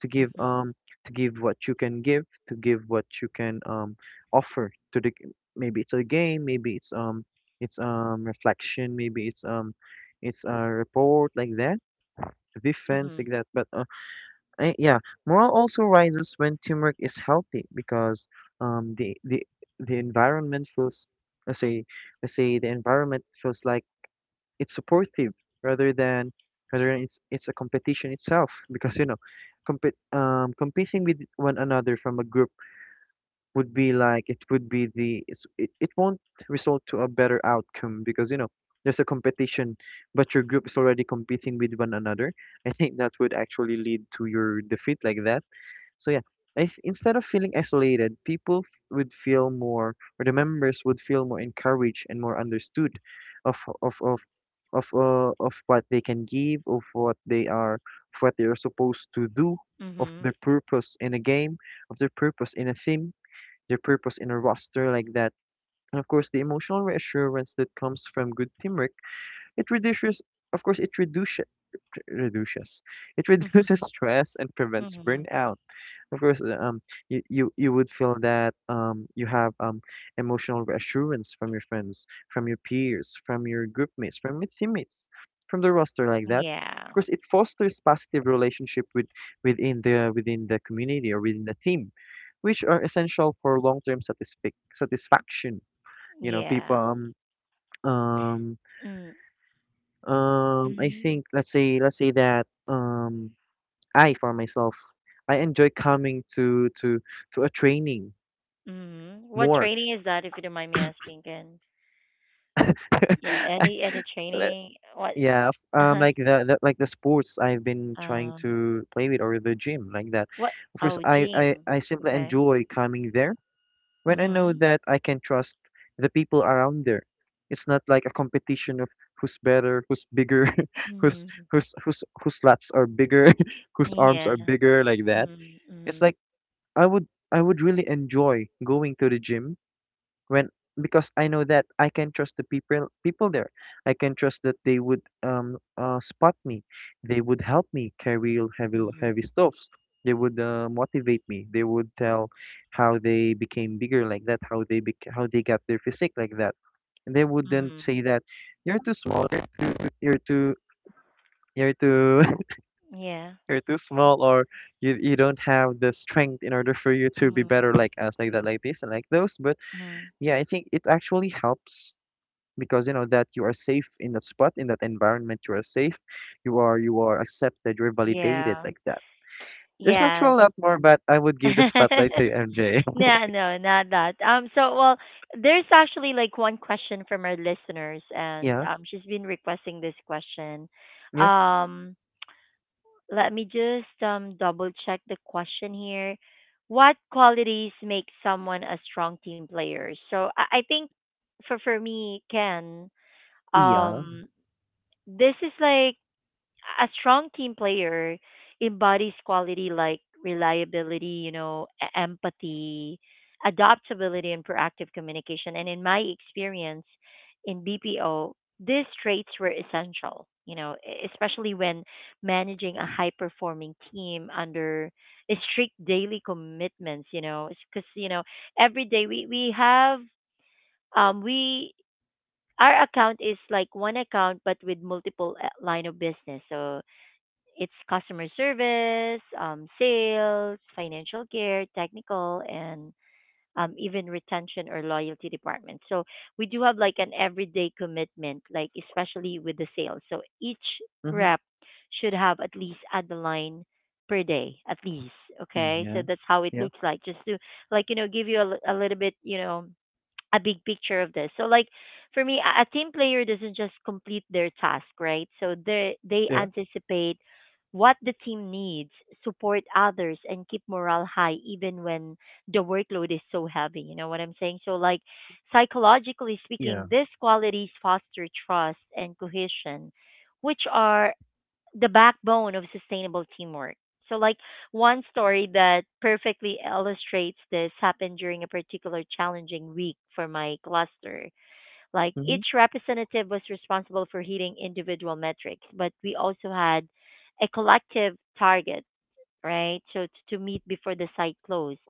B: to give
A: Mm-hmm.
B: um to give what you can give, to give what you can um offer to the g-, maybe it's a game, maybe it's um it's um reflection, maybe it's um it's a report, like that, defense, like that. But, Eh, yeah, morale also rises when teamwork is healthy, because um the the the environment feels, let's say, let's say the environment feels like it's supportive, rather than, rather than it's, it's a competition itself, because, you know, compete, um competing with one another from a group would be like, it would be the, it's it, it won't result to a better outcome, because, you know, there's a competition, but your group is already competing with one another. I think that would actually lead to your defeat like that so yeah, if instead of feeling isolated, people f- would feel more, or the members would feel more encouraged and more understood, of of of of uh, of what they can give, of what they are, of what they are supposed to do, of
A: Mm-hmm.
B: their purpose in a game, of their purpose in a theme, their purpose in a roster like that. And of course, the emotional reassurance that comes from good teamwork, it reduces. Of course, it reduces reduces it reduces
A: Mm-hmm.
B: stress and prevents
A: Mm-hmm.
B: burnout. Of course, uh, um, you, you you would feel that um you have um emotional reassurance from your friends, from your peers, from your group mates, from your teammates, from the roster like that. Of
A: Yeah.
B: course, it fosters positive relationship with within the within the community or within the team, which are essential for long term satisfic satisfaction. You know, people
A: Yeah.
B: um um um I
A: Mm-hmm.
B: think let's say let's say that um I, for myself, I enjoy coming to to to a training.
A: Mm-hmm. What
B: More,
A: training is that, if you don't mind me asking, Ken? Yeah. Any any
B: Le-
A: training? What?
B: Yeah, f- um,
A: Uh-huh.
B: like the, the like the sports I've been trying
A: Um.
B: to play with or the gym like that.
A: What?
B: Of course,
A: Oh,
B: I, I
A: gym.
B: I simply
A: Okay.
B: enjoy coming there when I know
A: Mm-hmm.
B: that I can trust the people around there. It's not like a competition of who's better, who's bigger, who's
A: Mm-hmm.
B: who's who's whose lats are bigger, whose arms are
A: Yeah.
B: bigger like that.
A: Mhm,
B: It's
A: mhm,
B: like I would I would really enjoy going to the gym when because I know that I can trust the people people there. I can trust that they would um uh, spot me. They would help me carry heavy
A: mhm,
B: heavy stuffs. They would uh, motivate me. They would tell how they became bigger like that, how they bec- how they got their physique like that. And they wouldn't
A: mhm.
B: say that you're too small, you're, you're too you're too
A: Yeah.
B: you're too small, or you you don't have the strength in order for you to be better
A: Mhm,
B: like us like that, like this, and like those. But
A: mhm.
B: yeah, I think it actually helps because you know that you are safe in that spot, in that environment. You are safe, you are you are accepted, you're validated
A: Yeah.
B: like that. There's actually
A: Yeah.
B: a lot more, but I would give the spotlight to MJ.
A: No, no, not that. Um, so well, there's actually like one question from our listeners, and
B: Yeah.
A: um, she's been requesting this question.
B: Yeah.
A: Um, let me just um double check the question here. What qualities make someone a strong team player? So I, I think for for me, Ken,
B: Yeah.
A: um, this is like a strong team player embodies quality like reliability, you know, e- empathy, adaptability, and proactive communication. And in my experience in B P O, these traits were essential, you know, e- especially when managing a high performing team under strict daily commitments, you know, because, you know, every day we, we have, um, we, our account is like one account, but with multiple uh, line of business. So it's customer service, um, sales, financial care, technical, and um, even retention or loyalty department. So we do have like an everyday commitment, like especially with the sales. So each
B: Mm-hmm.
A: rep should have at least at the line per day, at least.
B: Mm,
A: Okay, so
B: yeah.
A: that's how it
B: Yeah.
A: looks like. Just to like you know give you a, li- a little bit you know a big picture of this. So like for me, a a team player doesn't just complete their task, right? So they they
B: Yeah.
A: anticipate what the team needs, support others, and keep morale high even when the workload is so heavy. You know what I'm saying? So like psychologically speaking,
B: Yeah.
A: these qualities foster trust and cohesion, which are the backbone of sustainable teamwork. So, like one story that perfectly illustrates this happened during a particular challenging week for my cluster. Like
B: Mm-hmm.
A: each representative was responsible for hitting individual metrics, but we also had a collective target, right? So t- to meet before the site closed.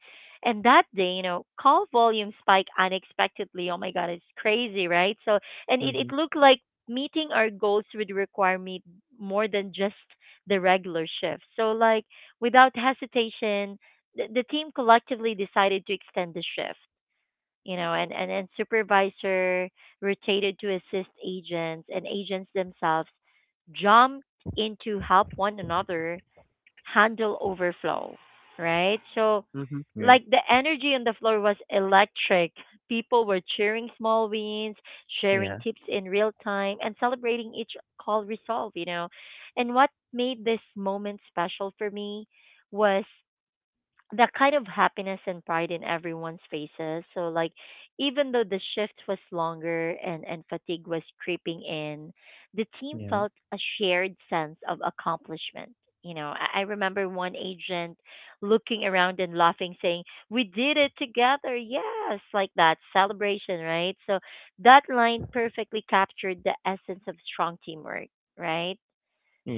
A: And that day, you know, call volume spiked unexpectedly. Oh my God, it's crazy, right? So, and it,
B: Mm-hmm.
A: it looked like meeting our goals would require me more than just the regular shift. So, like, without hesitation, the, the team collectively decided to extend the shift. You know, and, and, and supervisor rotated to assist agents, and agents themselves jumped in to help one another handle overflow, right? So,
B: Mm-hmm. Yeah.
A: like the energy on the floor was electric. People were cheering small wins, sharing
B: Yeah.
A: tips in real time, and celebrating each call resolve, you know. And what made this moment special for me was that kind of happiness and pride in everyone's faces. So like even though the shift was longer and, and fatigue was creeping in, the team
B: Yeah.
A: felt a shared sense of accomplishment. You know, I I remember one agent looking around and laughing, saying, we did it together. Yes, like that celebration, right? So that line perfectly captured the essence of strong teamwork, right?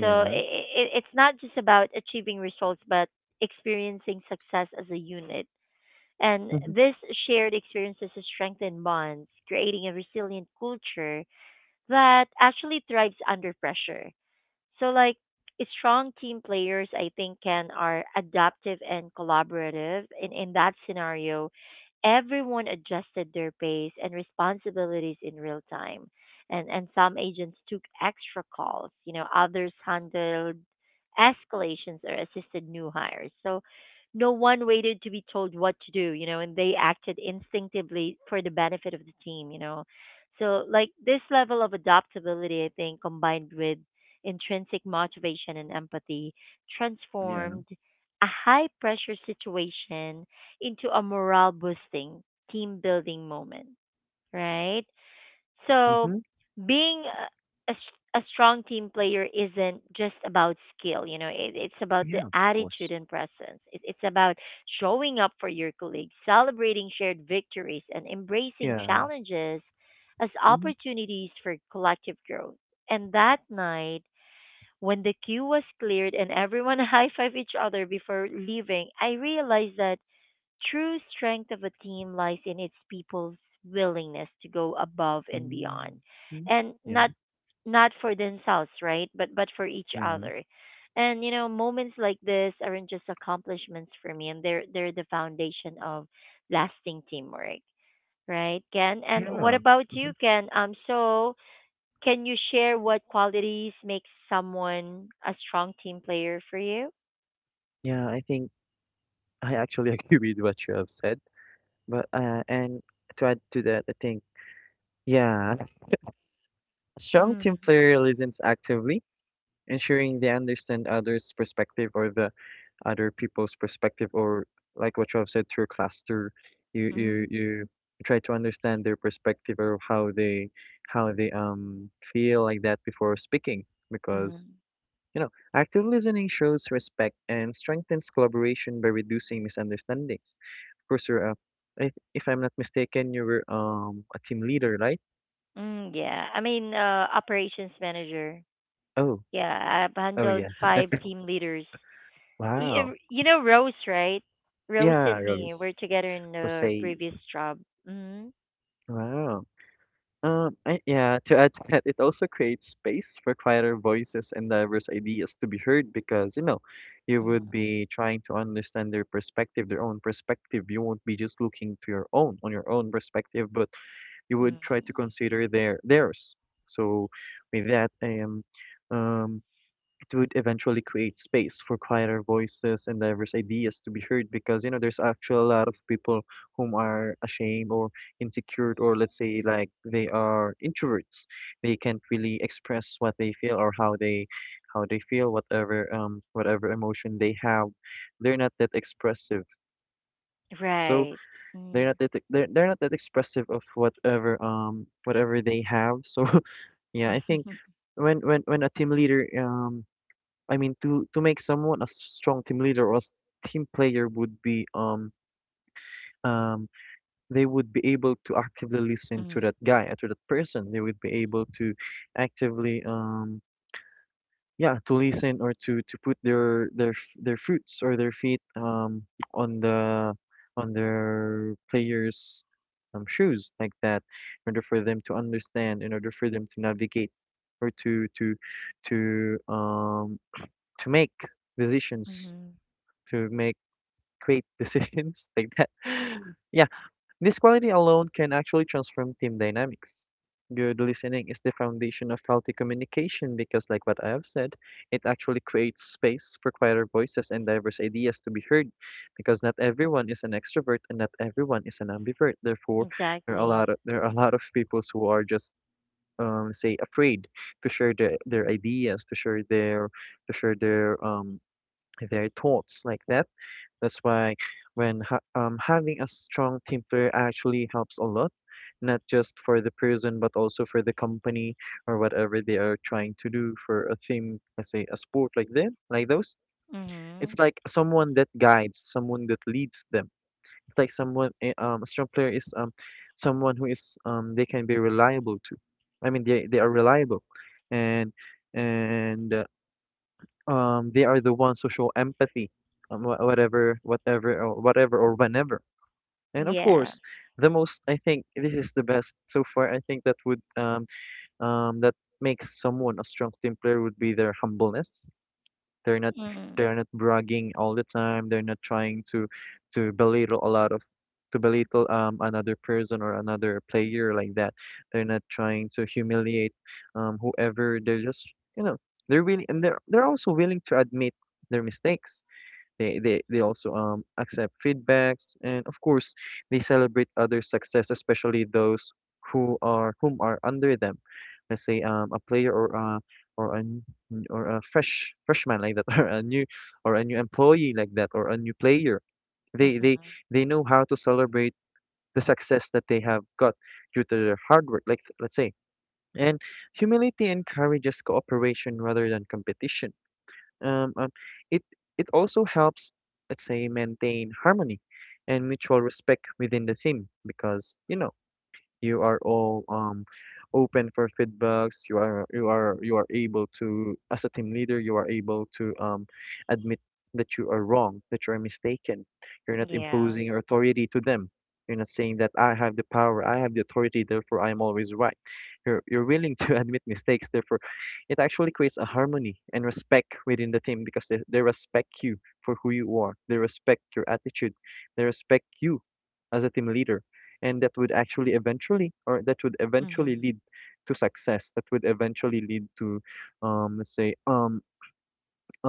A: So it, it's not just about achieving results, but experiencing success as a unit. And
B: Mm-hmm.
A: this shared experiences strengthen bonds, creating a resilient culture that actually thrives under pressure. So like strong team players I think can are adaptive and collaborative. In in that scenario, everyone adjusted their pace and responsibilities in real time. And and some agents took extra calls, you know, others handled escalations or assisted new hires. So no one waited to be told what to do, you know, and they acted instinctively for the benefit of the team, you know. So like this level of adaptability I think combined with intrinsic motivation and empathy
B: Yeah.
A: transformed a high pressure situation into a morale boosting, team building moment, right? So,
B: Mm-hmm.
A: being a, a, s- a strong team player isn't just about skill, you know, it, it's about the
B: Yeah. Of
A: attitude
B: course.
A: and presence. It, it's about showing up for your colleagues, celebrating shared victories, and embracing
B: Yeah.
A: challenges as
B: Mm-hmm.
A: opportunities for collective growth. And that night, when the queue was cleared and everyone high fived each other before leaving, I realized that true strength of a team lies in its people's willingness to go above and beyond.
B: Mm-hmm.
A: And
B: Yeah.
A: not not for themselves, right? But but for each
B: Yeah.
A: other. And you know, moments like this aren't just accomplishments for me and they're they're the foundation of lasting teamwork. Right, Ken?
B: Yeah.
A: And what about
B: Mm-hmm.
A: you, Ken? Um so can you share what qualities make someone a strong team player for you?
B: Yeah. I think I actually agree with what you have said. But uh, and To add to that, I think yeah, a strong team
A: Mm,
B: player listens actively, ensuring they understand others' perspective, or the other people's perspective, or like what you have said through cluster, you you
A: mm,
B: you try to understand their perspective, or how they how they um feel like that before speaking, because
A: mm,
B: you know, active listening shows respect and strengthens collaboration by reducing misunderstandings. Of course, you're a, if, if I'm not mistaken, you were um a team leader, right?
A: mm, yeah. I mean, uh, operations manager.
B: Oh,
A: Yeah, I've
B: oh
A: handled
B: yeah.
A: five team leaders.
B: Wow.
A: You, you know Rose, right? Rose
B: Yeah,
A: and me,
B: Rose.
A: we're together in
B: Rose.
A: the previous job. Mm,
B: Wow. Um, I, yeah, to add to that, it also creates space for quieter voices and diverse ideas to be heard because, you know, you would
A: mm,
B: be trying to understand their perspective, their own perspective. You won't be just looking to your own, on your own perspective, but you would try to
A: mm.
B: consider their theirs. So with that, um, um, it would eventually create space for quieter voices and diverse ideas to be heard because you know there's actually a lot of people whom are ashamed, or insecure, or let's say like they are introverts. They can't really express what they feel or how they how they feel, whatever um whatever emotion they have. They're not that expressive. So
A: Right.
B: they're
A: Mm.
B: not that they're they're not that expressive of whatever um whatever they have. So yeah, I think when when when a team leader, um I mean to to make someone a strong team leader or a s- team player would be um um they would be able to actively listen to
A: Mm.
B: that guy or to that person. They would be able to actively um yeah to listen, or to to put their their f- their fruits or their feet um on the on their players um shoes like that, in order for them to understand, in order for them to navigate, or to to to um to make decisions,
A: Mm.
B: to make great decisions, like that. Yeah, this quality alone can actually transform team dynamics. Good listening is the foundation of healthy communication because, like what I have said, it actually creates space for quieter voices and diverse ideas to be heard because not everyone is an extrovert and not everyone is an ambivert. Therefore, there are a
A: Exactly.
B: lot of, there are a lot of people who are just um, say, afraid to share their, their ideas, to share their to share their um their thoughts like that. That's why when ha um, having a strong team player actually helps a lot, not just for the person, but also for the company, or whatever they are trying to do for a theme, let's say a sport like that, like those.
A: Mm.
B: It's like someone that guides, someone that leads them. It's like someone, eh, um, a strong player is, um, someone who is, um, they can be reliable to. I mean, they they are reliable, and and um they are the ones who show empathy, um, wha- whatever whatever or whatever or whenever. And of
A: Yeah.
B: course, the most, I think this is the best so far, I think that would, um um that makes someone a strong team player would be their humbleness. They're not,
A: Mm.
B: they're not bragging all the time. They're not trying to to belittle a lot of, to belittle um another person or another player like that. They're not trying to humiliate um whoever. They're just, you know, they're willing, and they're they're also willing to admit their mistakes. They, they, they also um, accept feedbacks, and of course they celebrate other success, especially those who are whom are under them. Let's say um, a player, or a or a n- or a fresh freshman like that, or a new, or a new employee like that, or a new player. They
A: Hmm.
B: they they know how to celebrate the success that they have got due to their hard work. Like, let's say, and humility encourages cooperation rather than competition. um, um, it, it also helps, let's say, maintain harmony and mutual respect within the team, because you know you are all um open for feedbacks. You are you are you are able to, as a team leader, you are able to um admit that you are wrong, that you are mistaken. You're not
A: Yeah.
B: imposing your authority to them. You're not saying that I have the power, I have the authority, therefore I am always right. You're you're willing to admit mistakes. Therefore, it actually creates a harmony and respect within the team because they, they respect you for who you are. They respect your attitude. They respect you as a team leader, and that would actually eventually, or that would eventually
A: Hmm.
B: lead to success, that would eventually lead to, um let's say um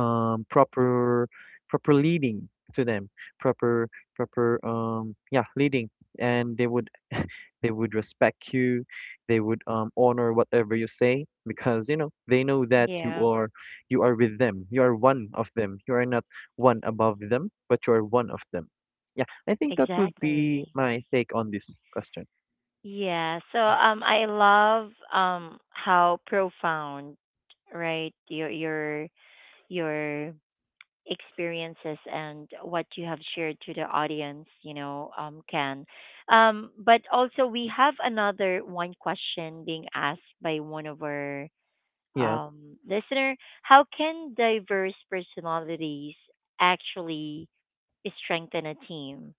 B: um proper, proper leading to them, proper, proper, um yeah leading. And they would they would respect you. They would um honor whatever you say, because you know they know that you
A: Yeah.
B: are, you are with them, you are one of them. You are not one above them, but you are one of them. Yeah, I think that would be
A: Exactly.
B: my take on this question.
A: Yeah. So um I love um how profound, right, your your your experiences and what you have shared to the audience, you know, um can. Um, but also we have another one question being asked by one of our
B: Yeah,
A: um listener. How can diverse personalities actually strengthen a team?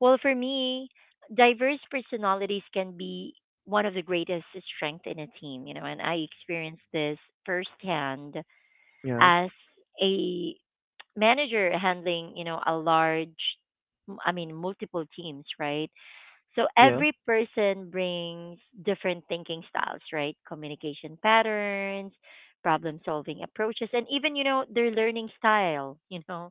A: Well, for me, diverse personalities can be one of the greatest strength in a team, you know, and I experienced this firsthand
B: yeah,
A: as a manager handling, you know, a large, I mean, multiple teams, right? So
B: yeah.
A: every person brings different thinking styles, right? Communication patterns, problem solving approaches, and even, you know, their learning style, you know.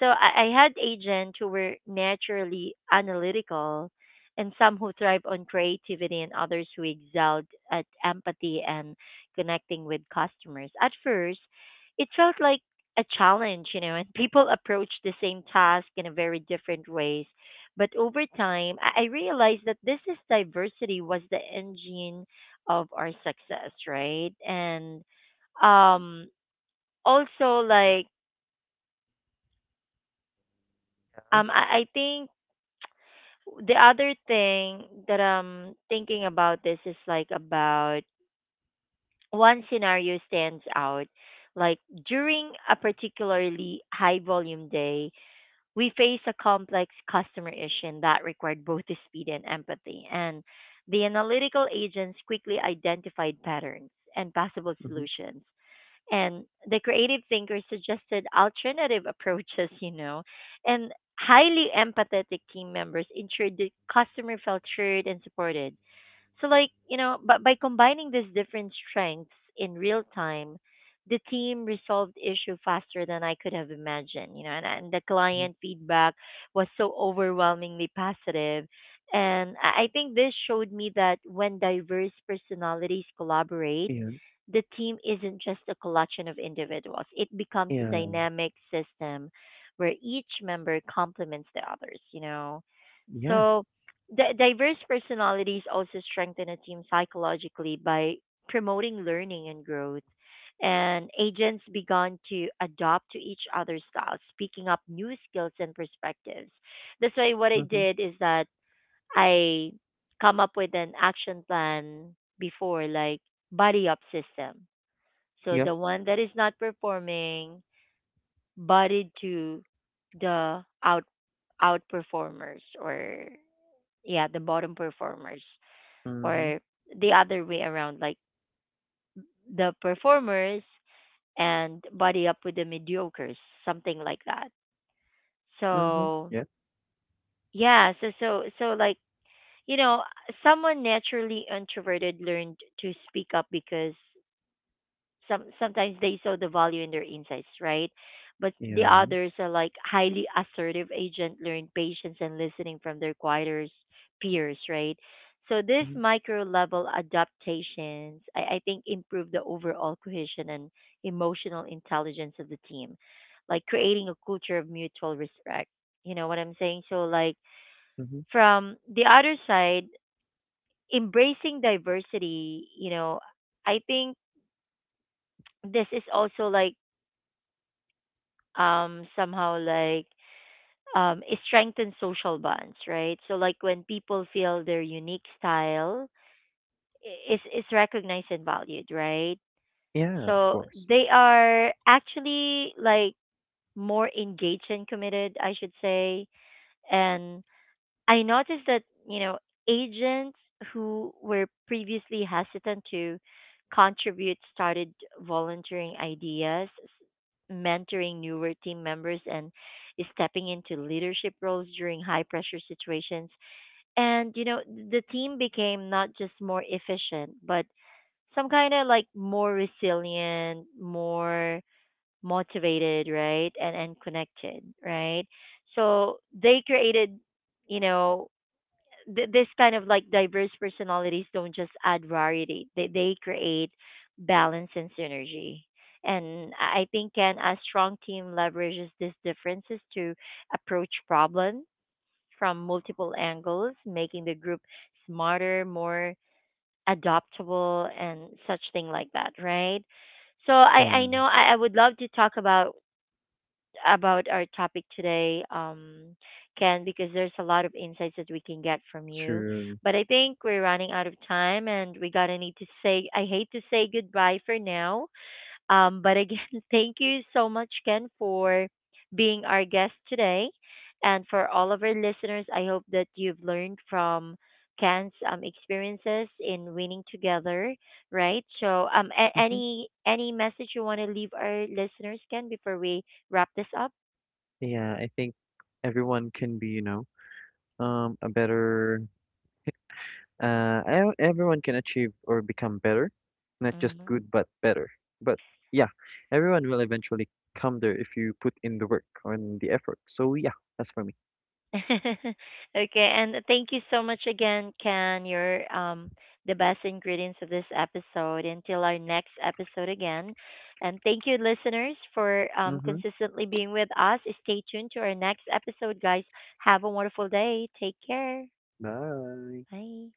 A: So I, I had agents who were naturally analytical and some who thrive on creativity and others who excelled at empathy and connecting with customers. At first, it felt like a challenge, you know, and people approach the same task in a very different ways but over time, I I realized that this is diversity was the engine of our success, right? And um, also, like, um, I, I think the other thing that I'm thinking about this is like about one scenario stands out. Like during a particularly high volume day, we faced a complex customer issue that required both speed and empathy, and the analytical agents quickly identified patterns and possible
B: Mhm,
A: solutions. And the creative thinkers suggested alternative approaches, you know, and highly empathetic team members ensured the customer felt heard and supported. So like, you know, but by combining these different strengths in real time, the team resolved issue faster than I could have imagined, you know, and, and the
B: mhm.
A: client feedback was so overwhelmingly positive. And I I think this showed me that when diverse personalities collaborate,
B: Yeah,
A: the team isn't just a collection of individuals. It becomes a
B: yeah,
A: dynamic system where each member complements the others, you know.
B: yeah.
A: So Di- diverse personalities also strengthen a team psychologically by promoting learning and growth. And agents began to adopt to each other's styles, picking up new skills and perspectives. That's why what I
B: Mhm,
A: did is that I come up with an action plan before, like buddy up system. So
B: yeah.
A: the one that is not performing, buddied to the out outperformers or yeah, the bottom performers
B: Mhm,
A: or the other way around, like the performers and buddy up with the mediocres, something like that.
B: mhm.
A: So
B: Yeah,
A: yeah, so so so like you know, someone naturally introverted learned to speak up because some sometimes they saw the value in their insights, right? But the
B: yeah.
A: others are like highly assertive agent, learn patience and listening from their quieter peers, right? So these
B: Mhm,
A: micro level adaptations, I, I think, improve the overall cohesion and emotional intelligence of the team, like creating a culture of mutual respect. You know what I'm saying? So like
B: mhm.
A: from the other side, embracing diversity, you know, I think this is also like um somehow like um it strengthens social bonds, right? So like when people feel their unique style i- is is recognized and valued, right?
B: Yeah, of
A: So
B: course.
A: they are actually like more engaged and committed I should say. And I noticed that, you know, agents who were previously hesitant to contribute started volunteering ideas, s- mentoring newer team members, and stepping into leadership roles during high pressure situations. And, you know, the team became not just more efficient, but some kind of like more resilient, more motivated, right? And, and connected, right? So they created, you know, th- this kind of like diverse personalities don't just add variety, they they create balance and synergy, and I I think can a strong team leverages these differences to approach problems from multiple angles, making the group smarter, more adaptable, and such thing like that, right? So I
B: Yeah,
A: I know i, I would love to talk about about our topic today, um, Ken, because there's a lot of insights that we can get from you.
B: true.
A: But I think we're running out of time, and we gotta need to say I hate to say goodbye for now. Um, but again, thank you so much, Ken, for being our guest today, and for all of our listeners. I hope that you've learned from Ken's um, experiences in winning together, right? So, um, a-
B: Mhm.
A: any any message you want to leave our listeners, Ken, before we wrap this up?
B: Yeah, I think everyone can be, you know, um, a better. Uh, e- everyone can achieve or become better, not just
A: Mm.
B: good, but better. But yeah, everyone will eventually come there if you put in the work or in the effort. So yeah, that's for me.
A: Okay, and thank you so much again, Ken. You're um, the best ingredients of this episode. Until our next episode again, and thank you, listeners, for um,
B: Mhm.
A: consistently being with us. Stay tuned to our next episode, guys. Have a wonderful day. Take care.
B: Bye.
A: Bye.